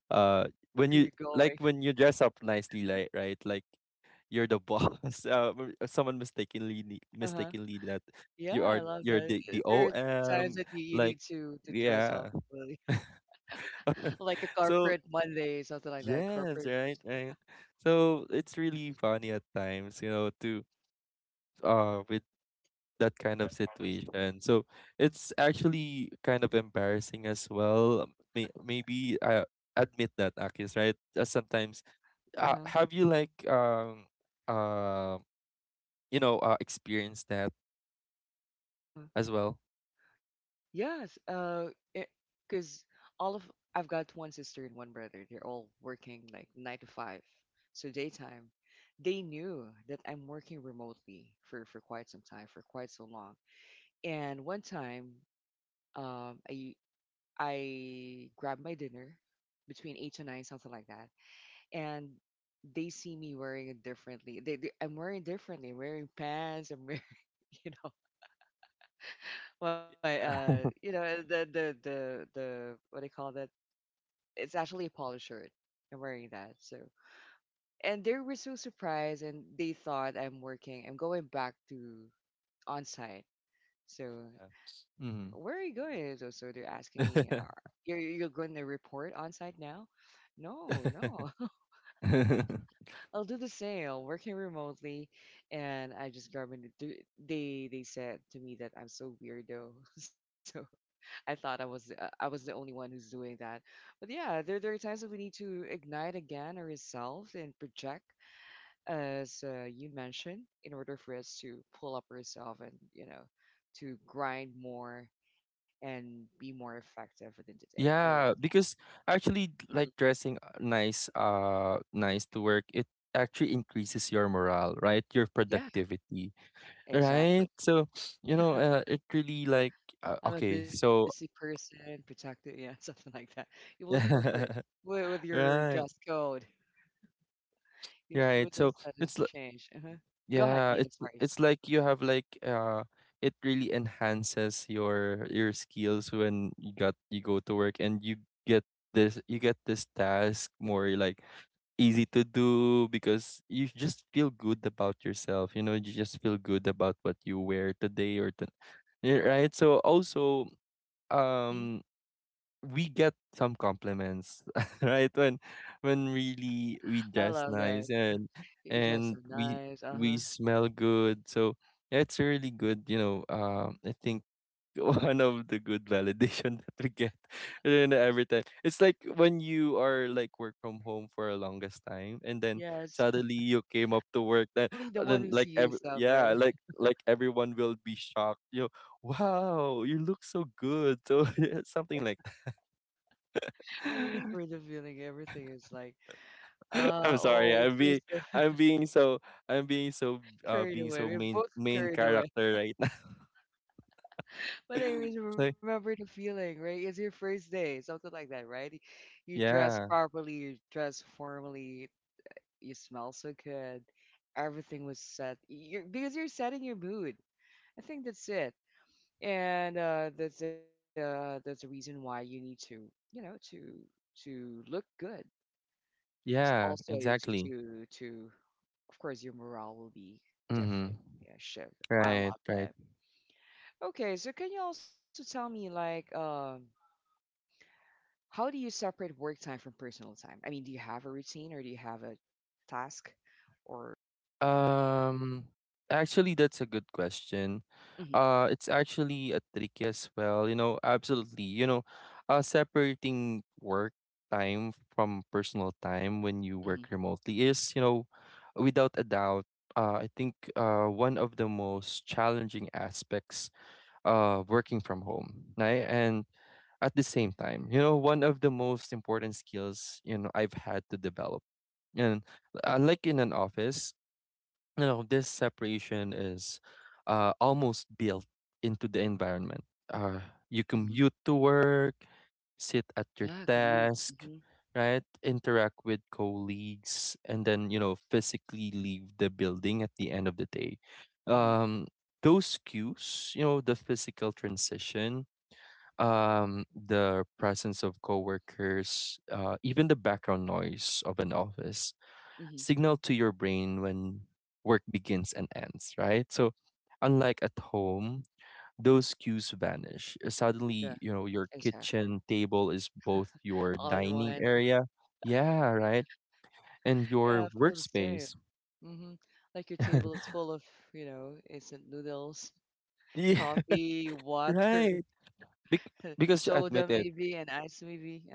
B: uh when
A: Where are
B: you
A: you
B: like
A: going?
B: when you dress up nicely, like, right, like you're the boss, uh, m- uh, someone mistakenly ne-
A: Uh huh.
B: mistakenly that
A: Yeah,
B: you are
A: I love
B: you're
A: that.
B: the,
A: Uh,
B: the
A: There are times that you,
B: om,
A: you need
B: like,
A: to to dress up,
B: yeah.
A: really, like a
B: So
A: corporate Monday, something like that.
B: yes,
A: Corporate
B: right,
A: dress.
B: right. So it's really funny at times, you know, to uh with that kind of situation. So it's actually kind of embarrassing as well. Um, May- maybe I admit that, Akis, right? Uh, sometimes, uh,
A: Uh
B: have
A: huh.
B: you like um uh you know uh, experienced that as
A: Uh huh.
B: well?
A: Yes, uh, because all of I've got one sister and one brother. They're all working like nine to five, so daytime. They knew that I'm working remotely for for quite some time, for quite so long. And one time, um, I I grabbed my dinner between eight to nine, something like that, and they see me wearing it differently. They, they I'm wearing differently. I'm wearing pants. I'm wearing, you know. Why, uh, you know, the the the the what do you call that? It's actually a polo shirt. I'm wearing that. So, and they were so surprised, and they thought I'm working. I'm going back to on site. So,
B: Yeah.
A: where are you
B: Mhm.
A: going? So, so they're asking me, uh, "You're you're going to report on site now?" No, no. I'll do the same, working remotely, and I just grabbed it. They they said to me that I'm so weirdo. I thought I was uh, I was the only one who's doing that. But yeah, there there are times that we need to ignite again ourselves and project, as uh, you mentioned, in order for us to pull up ourselves and, you know, to grind more and be more effective within the day. I love.
B: Yeah, because actually
A: Hmm.
B: like dressing uh, nice uh nice to work, it actually increases your morale, right? Your
A: Yeah,
B: productivity. Right?
A: exactly.
B: So, you know, uh, it really like uh,
A: I'm a
B: okay,
A: busy
B: so
A: person, protected. Yeah, something like that. You will incorporate with, with your
B: right,
A: dress code if
B: right.
A: with us
B: So
A: that has
B: it's li-
A: changed. Uh-huh. Go ahead,
B: yeah,
A: Ian.
B: it's
A: I'm
B: it's like you have like uh it really enhances your your skills when you got you go to work and you get this you get this task more like easy to do because you just feel good about yourself, you know, you just feel good about what you wear today or to, yeah, right? So also
A: sorry.
B: um we get some compliments, right? When when really we
A: I
B: dress
A: love that.
B: nice and
A: You dress so
B: and we
A: nice. Uh
B: we
A: huh.
B: smell good. So it's really good, you know. Um, I think one of the good validation that we get and every time. It's like when you are like work from home for a longest time and then
A: Yes.
B: suddenly you came up to work then,
A: You're only the
B: uh,
A: one
B: then
A: who
B: like
A: see
B: every,
A: yourself,
B: yeah,
A: right?
B: like like everyone will be shocked, you know, wow, you look so good. So something like
A: I remember the feeling. Everything is like, uh,
B: I'm sorry.
A: oh, it
B: I'm
A: feels.
B: being I'm being so I'm being so uh
A: Carried
B: being
A: away.
B: so
A: We're
B: main
A: both
B: main
A: carried away.
B: character right now.
A: But
B: It's
A: I really
B: like
A: remember the feeling, right? It's your first day, something like that, right? Y- You dress
B: yeah.
A: properly, you dress formally, you smell so good. Everything was set. You're, because you're setting your mood. I think that's it. And, uh, that's uh, that's the reason why you need to, you know to to look good. S-
B: Yeah,
A: Also, yeah, to
B: exactly.
A: to to of course your morale will be
B: Mhm.
A: different. Yeah, shift. I
B: Right,
A: love
B: right.
A: that. Okay, so can you also tell me, like, um how do you separate work time from personal time? I mean, do you have a routine or do you have a task, or.
B: Um, actually, that's a good question.
A: Hmm.
B: Uh, it's actually a tricky as well. You know, absolutely. You know, uh, separating work time from personal time when you
A: Hmm.
B: work remotely is, you know, without a doubt, uh, I think uh, one of the most challenging aspects uh working from home, right? And at the same time, you know, one of the most important skills, you know, I've had to develop. And unlike in an office, you know, this separation is uh, almost built into the environment. uh, you
A: Hmm.
B: commute to work, sit at your
A: Yeah, commute.
B: desk,
A: Hmm.
B: right, interact with colleagues, and then, you know, physically leave the building at the end of the day.
A: Hmm.
B: um, those cues, you know, the physical transition, um, the presence of coworkers, uh, even the background noise of an office,
A: Hmm.
B: signal to your brain when work begins and ends, right? So, unlike at home, those cues vanish. Uh,
A: Yeah,
B: Suddenly, you know, your
A: exactly.
B: kitchen table is both your
A: All in
B: dining
A: one.
B: area, yeah, right, and
A: Yeah,
B: your
A: I feel the same.
B: workspace.
A: Hmm. Like, your table is full of, you know, instant noodles,
B: Yeah,
A: coffee, water,
B: right. Bec- because
A: soda
B: you admit
A: maybe,
B: it,
A: and ice maybe. Uh-huh.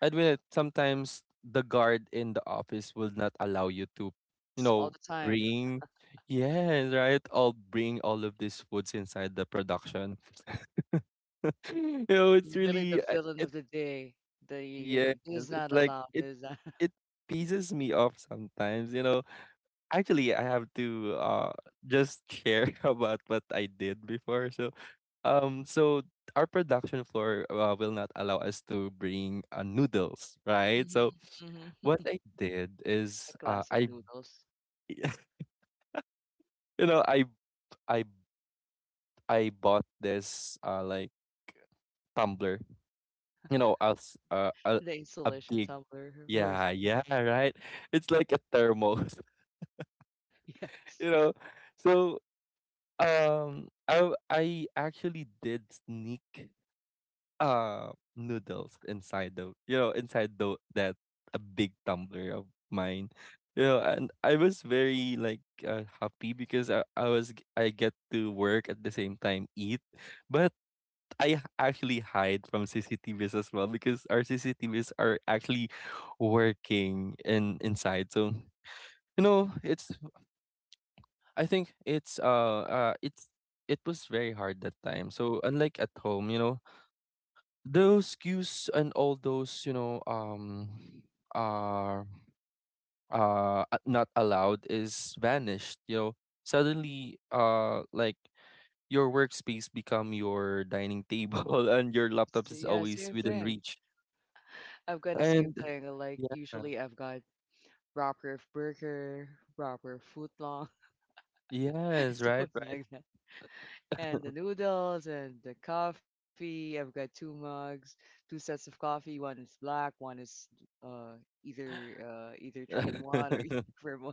B: admit it, sometimes the guard in the office will not allow you to, you
A: Yes, all
B: know,
A: the time.
B: bring, yes, right, all bring all of these foods inside the production. no,
A: Like,
B: It's
A: you're really the
B: really I-
A: villain
B: it.
A: of the day. The you're,
B: Yeah,
A: this
B: 'cause
A: is
B: it's
A: not
B: like
A: allowed.
B: it
A: This is not.
B: it pieces me off sometimes. You know, actually, I have to uh just share about what I did before. So, um, so our production floor uh, will not allow us to bring uh, noodles, right? So
A: Mm-hmm, mm-hmm.
B: what I did is
A: The
B: uh
A: classic
B: I
A: noodles.
B: you know, I I I bought this uh like tumbler, you know, as uh, a
A: The
B: a
A: insulation
B: big,
A: tumbler with
B: yeah, yeah, right. It's like a thermos,
A: yes,
B: you know. So, um, I w- I actually did sneak uh noodles inside the, you know, inside the that a big tumbler of mine, you know, and I was very like uh, happy because I I was g- I get to work at the same time eat, but I h- actually hide from C C T Vs as well because our C C T Vs are actually working in inside. So, you know, it's, I think it's uh uh it's it was very hard that time. So unlike at home, you know, those cues and all those, you know, um are uh uh, not allowed is vanished. You know, suddenly uh like your workspace become your dining table and your
A: yes,
B: laptop is
A: yeah,
B: always
A: same
B: within
A: thing.
B: reach.
A: I've got the same
B: And
A: thing. Like,
B: yeah,
A: usually I've got wrapper of burger, wrapper of footlong.
B: yes,
A: So
B: right,
A: it's
B: right.
A: like that. And the noodles and the coffee. I've got two mugs, two sets of coffee. One is black, one is uh either uh either three in one or either for both.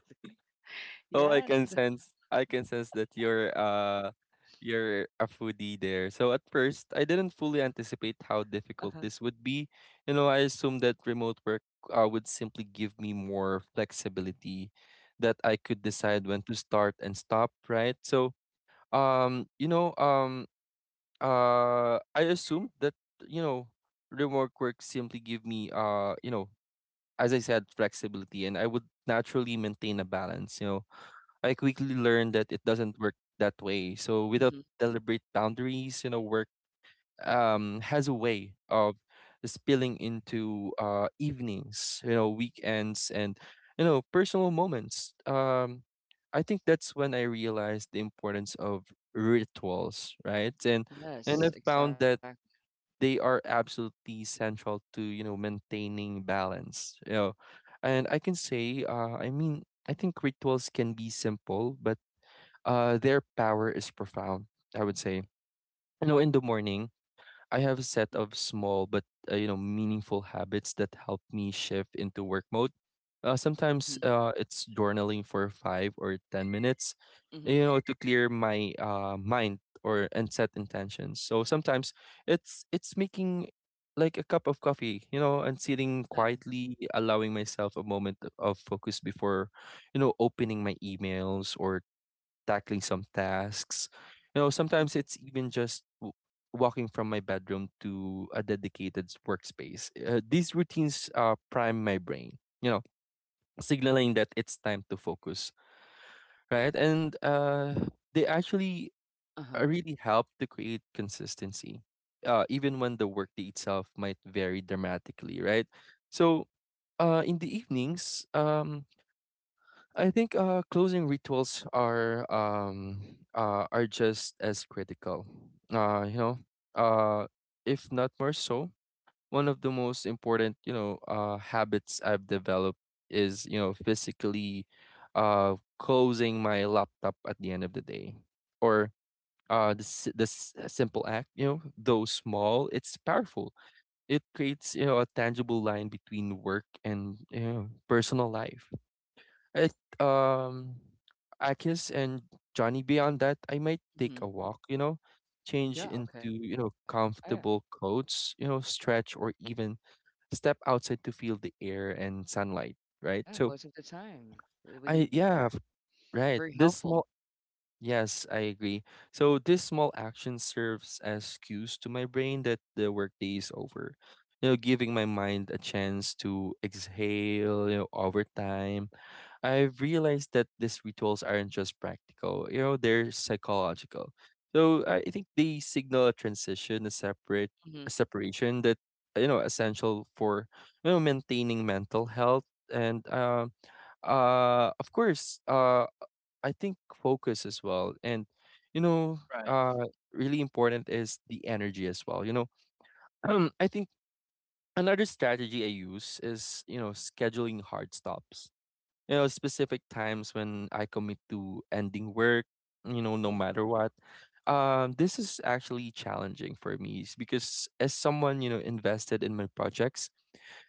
B: oh, I
A: Yes.
B: can sense, I can sense that you're uh you're a foodie there. So at first, I didn't fully anticipate how difficult
A: Uh-huh.
B: this would be. You know, I assumed that remote work uh, would simply give me more flexibility, that I could decide when to start and stop, right? So, um, you know, um, uh, I assumed that, you know, remote work simply give me, uh, you know, as I said, flexibility, and I would naturally maintain a balance. You know, I quickly learned that it doesn't work that way. So without
A: Mm-hmm.
B: deliberate boundaries, you know, work um has a way of spilling into uh evenings, you know, weekends, and, you know, personal moments. Um, I think that's when I realized the importance of rituals, right? And and
A: Yes,
B: I've found
A: exactly.
B: that they are absolutely central to, you know, maintaining balance, you know, and I can say, uh, I mean, I think rituals can be simple but uh, their power is profound, I would say. You know, in the morning I have a set of small but uh, you know, meaningful habits that help me shift into work mode. Uh,
A: Mm-hmm.
B: sometimes uh, it's journaling for five or ten minutes,
A: Mm-hmm.
B: you know, to clear my uh, mind or and set intentions. So sometimes it's it's making like a cup of coffee, you know, and sitting
A: Yeah.
B: quietly, allowing myself a moment of focus before, you know, opening my emails or
A: Yeah.
B: tackling some tasks. You know,
A: Mm-hmm.
B: sometimes it's even just w- walking from my bedroom to a dedicated s- workspace. Uh, these routines uh, prime my brain, you know, signaling that it's time to focus, right? And uh, they actually
A: Uh-huh.
B: uh, really help to create consistency, uh, even when the workday itself might vary dramatically, right? So, uh, in the evenings, um, I think uh, closing rituals are um, uh, are just as critical. Uh, you know, uh, if not more so, one of the most important, you know, uh, habits I've developed is, you know, physically uh, closing my laptop at the end of the day, or uh, this this simple act. You know, though small, it's powerful. It creates, you know, a tangible line between work and, you know, personal life. It um Akis and Johnny, beyond that, I might take
A: Mm-hmm.
B: a walk, you know, change
A: Yeah,
B: into,
A: okay.
B: you
A: Oh,
B: know,
A: yeah.
B: comfortable coats, you know, stretch, or even step outside to feel the air and sunlight, right?
A: Yeah,
B: So
A: most of the time. uh, We
B: I
A: need that.
B: yeah, f-
A: It's
B: right.
A: very
B: This
A: helpful.
B: small, yes, I agree. So this small action serves as cues to my brain that the workday is over. You know, giving my mind a chance to exhale, you know, over time. I've realized that these rituals aren't just practical, you know, they're psychological. So I I think they signal a transition, a separate,
A: Mm-hmm.
B: a separation that, you know, essential for, you know, maintaining mental health and um uh, of course, uh, I think focus as well. And, you know,
C: Right.
B: uh, really important is the energy as well. You know, I think another strategy I use is, you know, scheduling hard stops. You know, specific times when I commit to ending work, you know, no
A: Mm-hmm.
B: matter what. Um, this is actually challenging for me s- because as someone, you know, invested in my projects,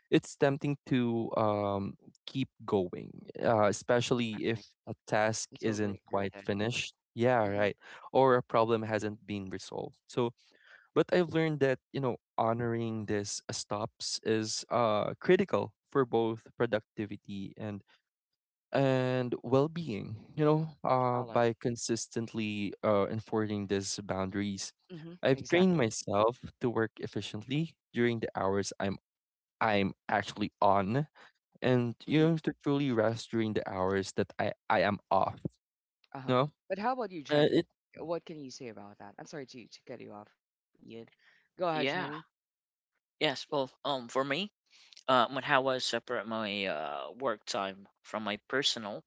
B: it's tempting to um, keep going, uh, especially if
A: Exactly.
B: a task
A: I
B: isn't
A: totally agree
B: quite
A: with that.
B: finished. Yeah,
A: Mm-hmm.
B: right. Or a problem hasn't been resolved. So, but I've learned that, you know, honoring this stops is uh, critical for both productivity and and well-being, you know,
A: I like.
B: uh, by consistently uh, enforcing these boundaries,
A: Mm-hmm.
B: I've trained
A: Exactly.
B: myself to work efficiently during the hours i'm i'm actually on, and,
A: Mm-hmm.
B: you know, to truly rest during the hours that I I am off.
A: Uh-huh.
B: No,
A: But how about you,
B: uh, it.
A: Jenny? What can you say about that? I'm sorry to to cut you off, Ian. Go ahead, Jenny.
C: Yeah. Yes. Well, um, for me, uh, when how I separate my uh work time from my personal,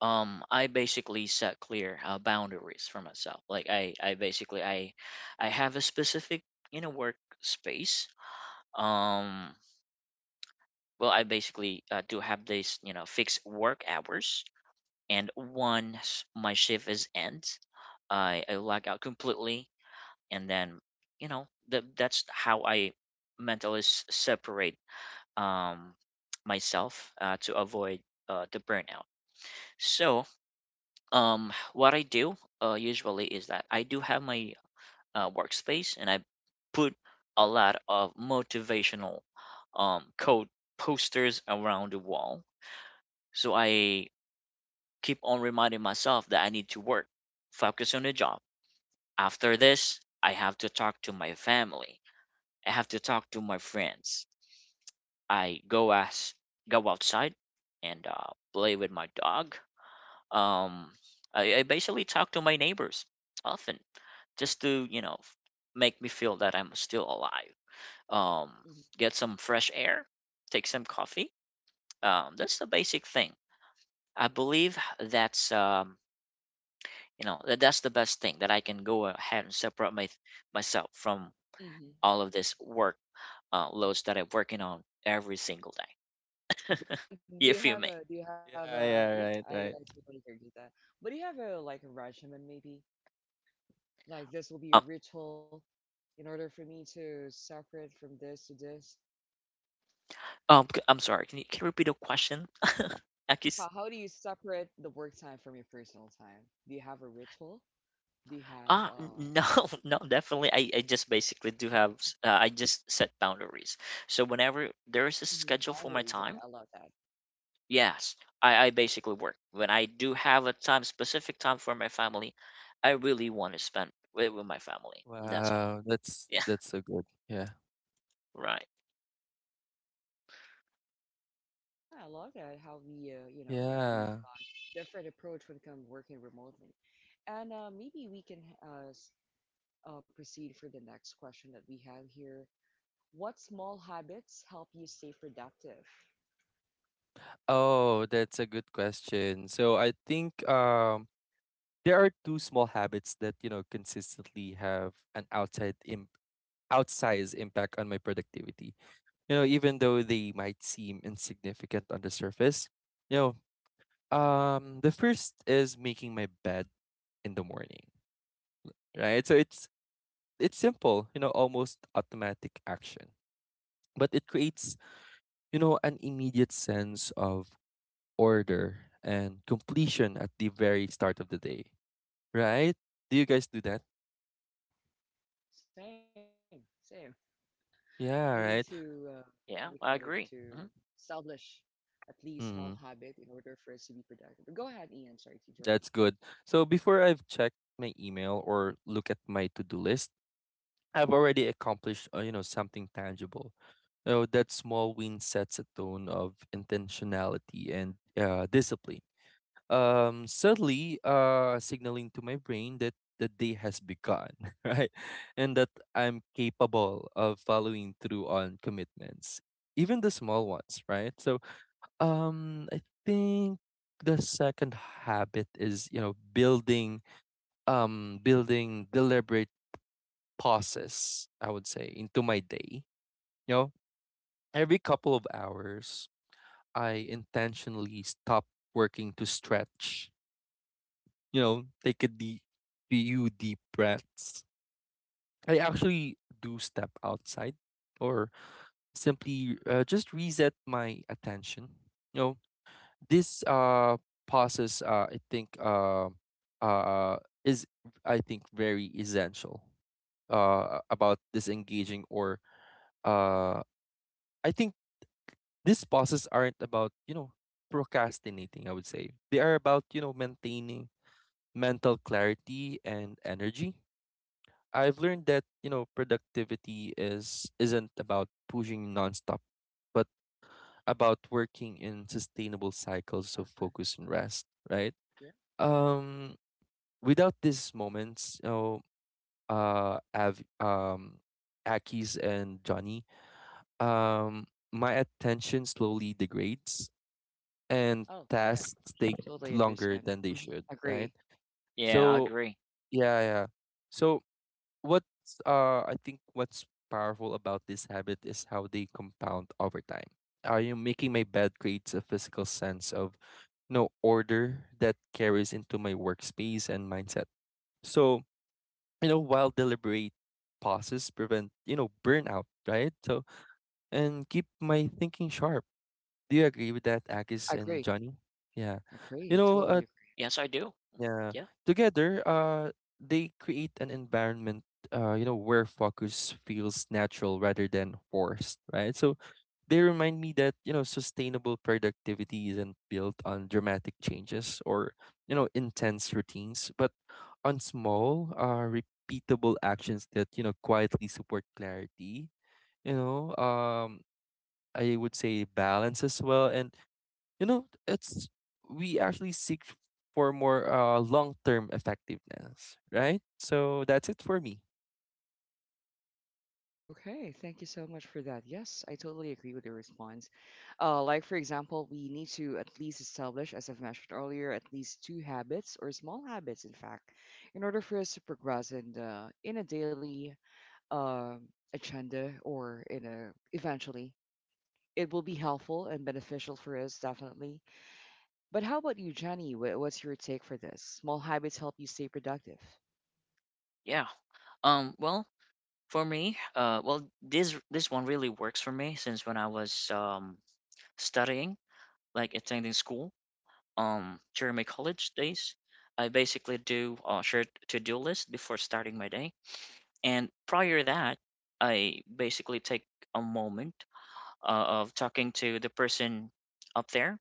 C: um, I basically set clear uh, boundaries for myself. Like I, I basically I, I have a specific, you know, work space. Um, well, I basically uh, do have these, you know, fixed work hours, and once my shift is ends, I I log out completely, and then, you know, that that's how I mentally s- separate, um, myself uh, to avoid uh, the burnout. So, um, what I do uh, usually is that I do have my uh, workspace, and I put a lot of motivational um, code posters around the wall. So I keep on reminding myself that I need to work, focus on the job. After this, I have to talk to my family, I have to talk to my friends. I go as go outside and uh, play with my dog. Um, I, I basically talk to my neighbors often, just to, you know, f- make me feel that I'm still alive. Um,
A: Hmm.
C: get some fresh air, take some coffee. Um, that's the basic thing. I believe that's, um, you know, that that's the best thing that I can go ahead and separate my myself from
A: Mm-hmm.
C: all of this work uh, loads that I'm working on every single day,
A: But do you
C: if you
A: have
C: may.
A: a do you have
B: Yeah,
A: a yeah
B: yeah,
A: I
B: right,
A: yeah, I
B: right.
A: totally agree with that. But do you have a, like, a regimen, maybe, like this will be a ritual in order for me to separate from this to this.
C: Um, c- I'm sorry. Can you can you repeat the question?
A: How how
C: Aki's?
A: do you separate the work time from your personal time? Do you have a ritual? Do you have
C: ah,
A: uh
C: n- no, no, definitely. I, I just basically do have. s- Uh, I just set boundaries. So whenever there is a
A: Mhm,
C: schedule for my
A: boundaries? Okay, I
C: time,
A: love that.
C: yes, I I basically work. When I do have a time, specific time for my family, I really want to spend with, with my family. That's all.
B: Wow, that's
C: Yeah,
B: that's so good. Yeah,
C: right.
A: Yeah, I love that how we, uh, you know, uh, we've
B: yeah.
A: got different approach when it comes working remotely. And, uh, maybe we can, uh, s- uh, proceed for the next question that we have here. What small habits help you stay productive?
B: Oh, that's a good question. So I think um there are two small habits that, you know, consistently have an outside imp outsized impact on my productivity. You know, even though they might seem insignificant on the surface, you know, um, the first is making my bed in the morning. Right? So it's it's simple, you know, almost automatic action, but it creates, you know, an immediate
A: Mhm.
B: sense of order and completion at the very start of the day, right? Do you guys do that?
A: Same, same. We need
B: Yeah,
A: to, uh,
B: right.
A: what do you call it,
C: Yeah, I
A: to
C: agree. Mhm.
A: establish at least small
B: Hmm,
A: habit in order for us to be productive. But go ahead, Ian. Sorry to interrupt you.
B: that's good. So before I've checked my email or look at my to-do list, I've already accomplished, uh, you know, something tangible. So that small win sets a tone of intentionality and uh, discipline, um subtly uh signaling to my brain that the day has begun, right, and that I'm capable of following through on commitments, even the small ones, right? So, um I think the second habit is, you know, building um building deliberate pauses, I would say, into my day. You know, every couple of hours I intentionally stop working to stretch, you know, take a deep few deep breaths. I actually do step outside or simply uh, just reset my attention. You know, this uh
A: Uh huh.
B: pauses, uh I think uh uh is, I think, very essential uh about disengaging or uh I think these pauses aren't about, you know, procrastinating, I would say. They are about, you know, maintaining mental clarity and energy. I've learned that, you know, productivity is isn't about pushing nonstop, but about working in sustainable
A: Uh
B: cycles of
A: huh.
B: focus and rest, right?
A: Yeah.
B: Um Without these moments, you know, uh Av um Aki's and Johnny, um my attention slowly degrades and
A: Oh, yeah.
B: tasks take
A: Totally
B: longer
A: understand that.
B: than they
A: Hmm.
B: should,
A: Agree.
B: right?
C: Yeah, I
B: So
C: agree.
B: yeah, yeah. So what's uh I think what's powerful about this habit is how they compound over time. Are you making my bed creates a physical sense of no order that carries into my workspace and mindset. So, you know, while deliberate pauses prevent, you know, burnout, right? So and keep my thinking sharp. Do you agree with that,
A: Yeah,
B: Agis
A: agree.
B: and Johnny? Yeah.
A: Agree. I
B: You know,
A: totally
B: uh,
A: agree.
C: Yes, I do.
B: yeah.
C: Yeah,
B: Together, uh, they create an environment, uh, you know, where focus feels natural rather than forced, right? So they remind me that, you know, sustainable productivity isn't built on dramatic changes or, you know, intense routines, but on small, uh, repeatable actions that, you know, quietly support clarity, you know, um, I would say balance as well, and, you know, it's we actually seek for more uh long-term effectiveness, right? So that's it for me.
A: Okay, thank you so much for that. Yes, I totally agree with your response. Uh, like, for example, we need to at least establish, as I've mentioned earlier, at least two habits or small habits, in fact, in order for us to progress in the in a daily, uh, agenda or in a eventually. It will be helpful and beneficial for us, definitely. But how about you, Jenny? Wh- What's your take for this? Small habits help you stay productive.
C: yeah. Um, well, for me, uh, well, this this one really works for me since when I was um studying, like attending school, um during my college days, I basically do a shared to-do list before starting my day, and prior to that, I basically take a moment uh, of talking to the person up there.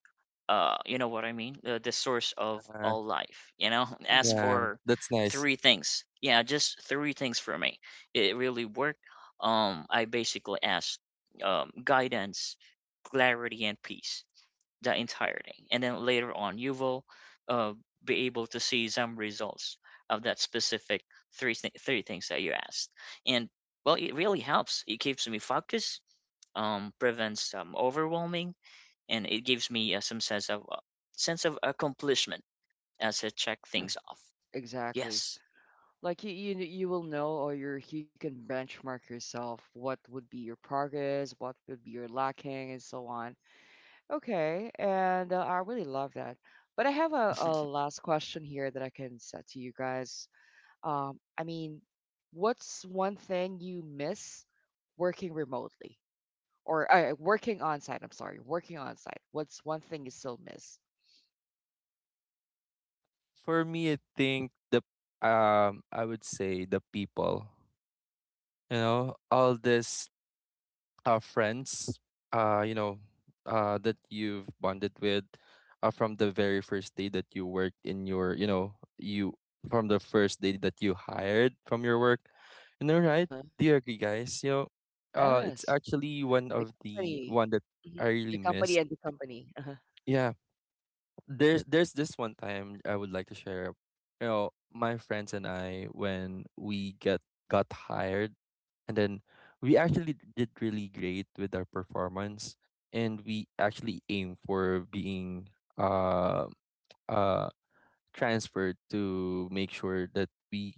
C: uh You know what I mean, the, the source of
B: Uh,
C: all life, you know? Ask
A: Hmm.
B: yeah,
C: for
B: that's nice.
C: three things. Yeah, just three things for me. It really worked. um I basically asked um guidance, clarity, and peace the entire thing, and then later on you will uh be able to see some results of that specific three thi- three things that you asked. And well, it really helps. It keeps me focused, um, prevents um, overwhelming, and it gives me uh, some sense of uh, sense of accomplishment as I check
A: Yeah,
C: things off.
A: exactly.
C: Yes,
A: Like, you, you, you will know, or you you can benchmark yourself, what would be your progress, what would be your lacking, and so on. Okay, and, uh, I really love that. But I have a, a last question here that I can set to you guys. Um, I mean, what's one thing you miss working remotely or, uh, working on site? I'm sorry, working on site. What's one thing you still miss?
B: For me, I think the um I would say the people. You know, all this uh, friends, uh, you know, uh, that you've bonded with uh, from the very first day that you worked in your, you know, you from the first day that you hired from your work. You know,
A: Uh
B: right?
A: huh.
B: Do you agree, guys? You know, uh, it's
A: Yes,
B: actually one
A: the
B: of the
A: company.
B: one that
A: Mhm.
B: I
A: The
B: really
A: company,
B: miss.
A: and the company. Uh huh.
B: Yeah, there's there's this one time I would like to share. You know, my friends and I when we get got hired, and then we actually did really great with our performance, and we actually aim for being uh uh transferred to make sure that we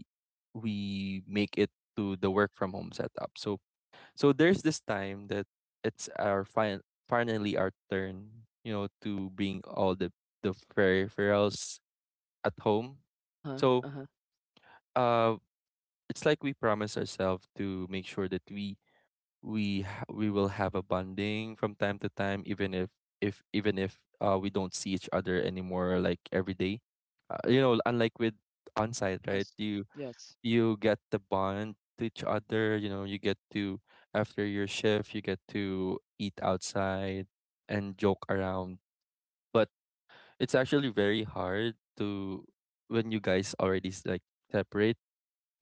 B: we make it to the work from home setup. So so there's this time that it's our fin- finally our turn, you know, to bring all the the peripherals at home.
A: Uh huh.
B: So
A: Uh huh.
B: uh, it's like we promise ourselves to make sure that we we ha- we will have a bonding from time to time, even if if even if uh, we don't see each other anymore, like every day. Uh, you know, unlike with on site, right?
A: Yes.
B: You
A: Yes.
B: you get the bond to each other, you know, you get to after your shift you get to eat outside and joke around, but it's actually very hard to when you guys already s- like separate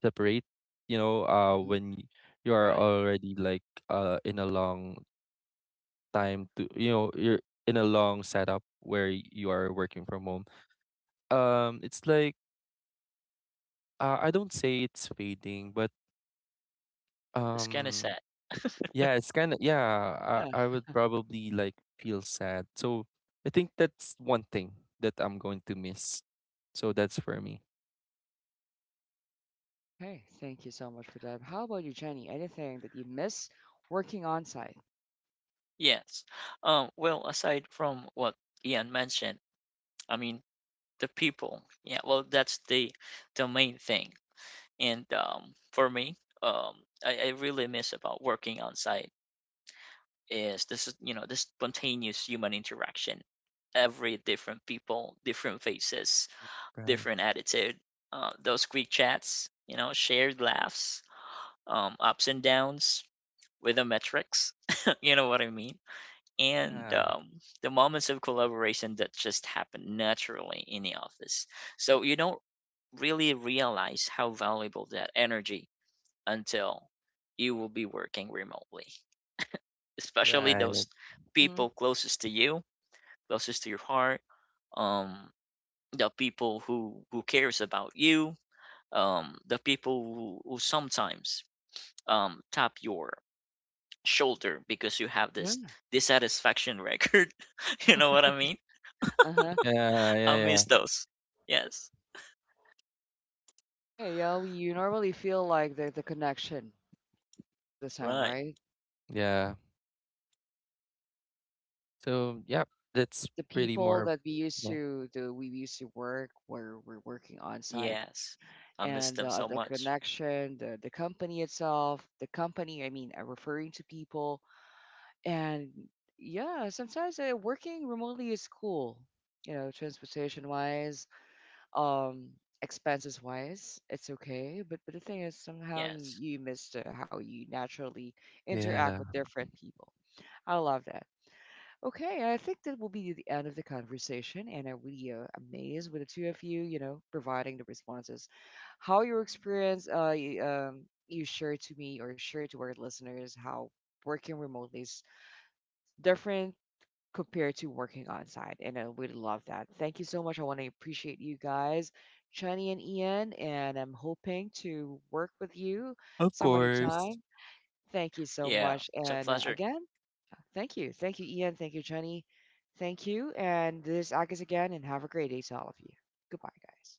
B: separate you know, uh
A: Hmm.
B: when you are
C: right.
B: already like uh in a long time to, you know, you're in a long setup where you are working from home. Um it's like, uh, I don't say it's fading, but
C: It's kind of
B: um
C: sad.
B: yeah, it's kind of yeah.
A: Yeah.
B: I, I would probably like feel sad. So I think that's one thing that I'm going to miss. So that's for me.
A: Okay. Thank you so much for that. How about you, Jenny? Anything that you miss working on site?
C: Yes. Um, well, aside from what Ian mentioned, I mean the people. Yeah. Well, that's the the main thing. And um, for me, um, I, I really miss about working outside is this is, you know, this spontaneous human interaction. Every different people, different faces,
B: Right.
C: different attitude. Uh, those quick chats, you know, shared laughs, um, ups and downs with the metrics. You know what I mean? And
B: Yeah.
C: um, the moments of collaboration that just happen naturally in the office. So you don't really realize how valuable that energy, until you will be working remotely, especially
B: Right.
C: those
A: Mm-hmm.
C: people closest to you, closest to your heart, um, the people who who cares about you, um, the people who, who sometimes um, tap your shoulder because you have this
A: Yeah.
C: dissatisfaction record. You know what I mean?
A: Uh-huh.
B: Yeah. Yeah.
C: I miss
B: Yeah.
C: those. Yes.
A: Okay. Yeah. We, you normally feel like the, the connection most of the time,
C: Right.
A: right?
B: Yeah. So yeah, that's
A: The
B: pretty
A: people
B: more.
A: that we used
B: Yeah.
A: to do, we used to work where we're working on site,
C: Yes. I miss
A: and,
C: them
A: uh,
C: so
A: the
C: much.
A: connection, the the company itself, the company. I mean, I'm referring to people. And yeah, sometimes, uh, working remotely is cool. You know, transportation wise, um, expenses wise, it's okay. But but the thing is, somehow you
C: Yes.
A: you miss, uh, how you naturally interact
B: Yeah.
A: with different people. I love that. Okay, I think that will be the end of the conversation, and I'm really, uh, amazed with the two of you. You know, providing the responses, how your experience, uh, you, um, you share to me or share to our listeners how working remotely is different compared to working on site. And, uh, we'd love that. Thank you so much. I want to appreciate you guys, Chani and Ian, and I'm hoping to work with you
B: Of
A: some other
B: course.
A: time. Thank you so
C: Yeah.
A: much.
C: It's a
A: And, uh,
C: pleasure.
A: again, thank you. Thank you, Ian. Thank you, Chani. Thank you. And this is Agus again, and have a great day to all of you. Goodbye, guys.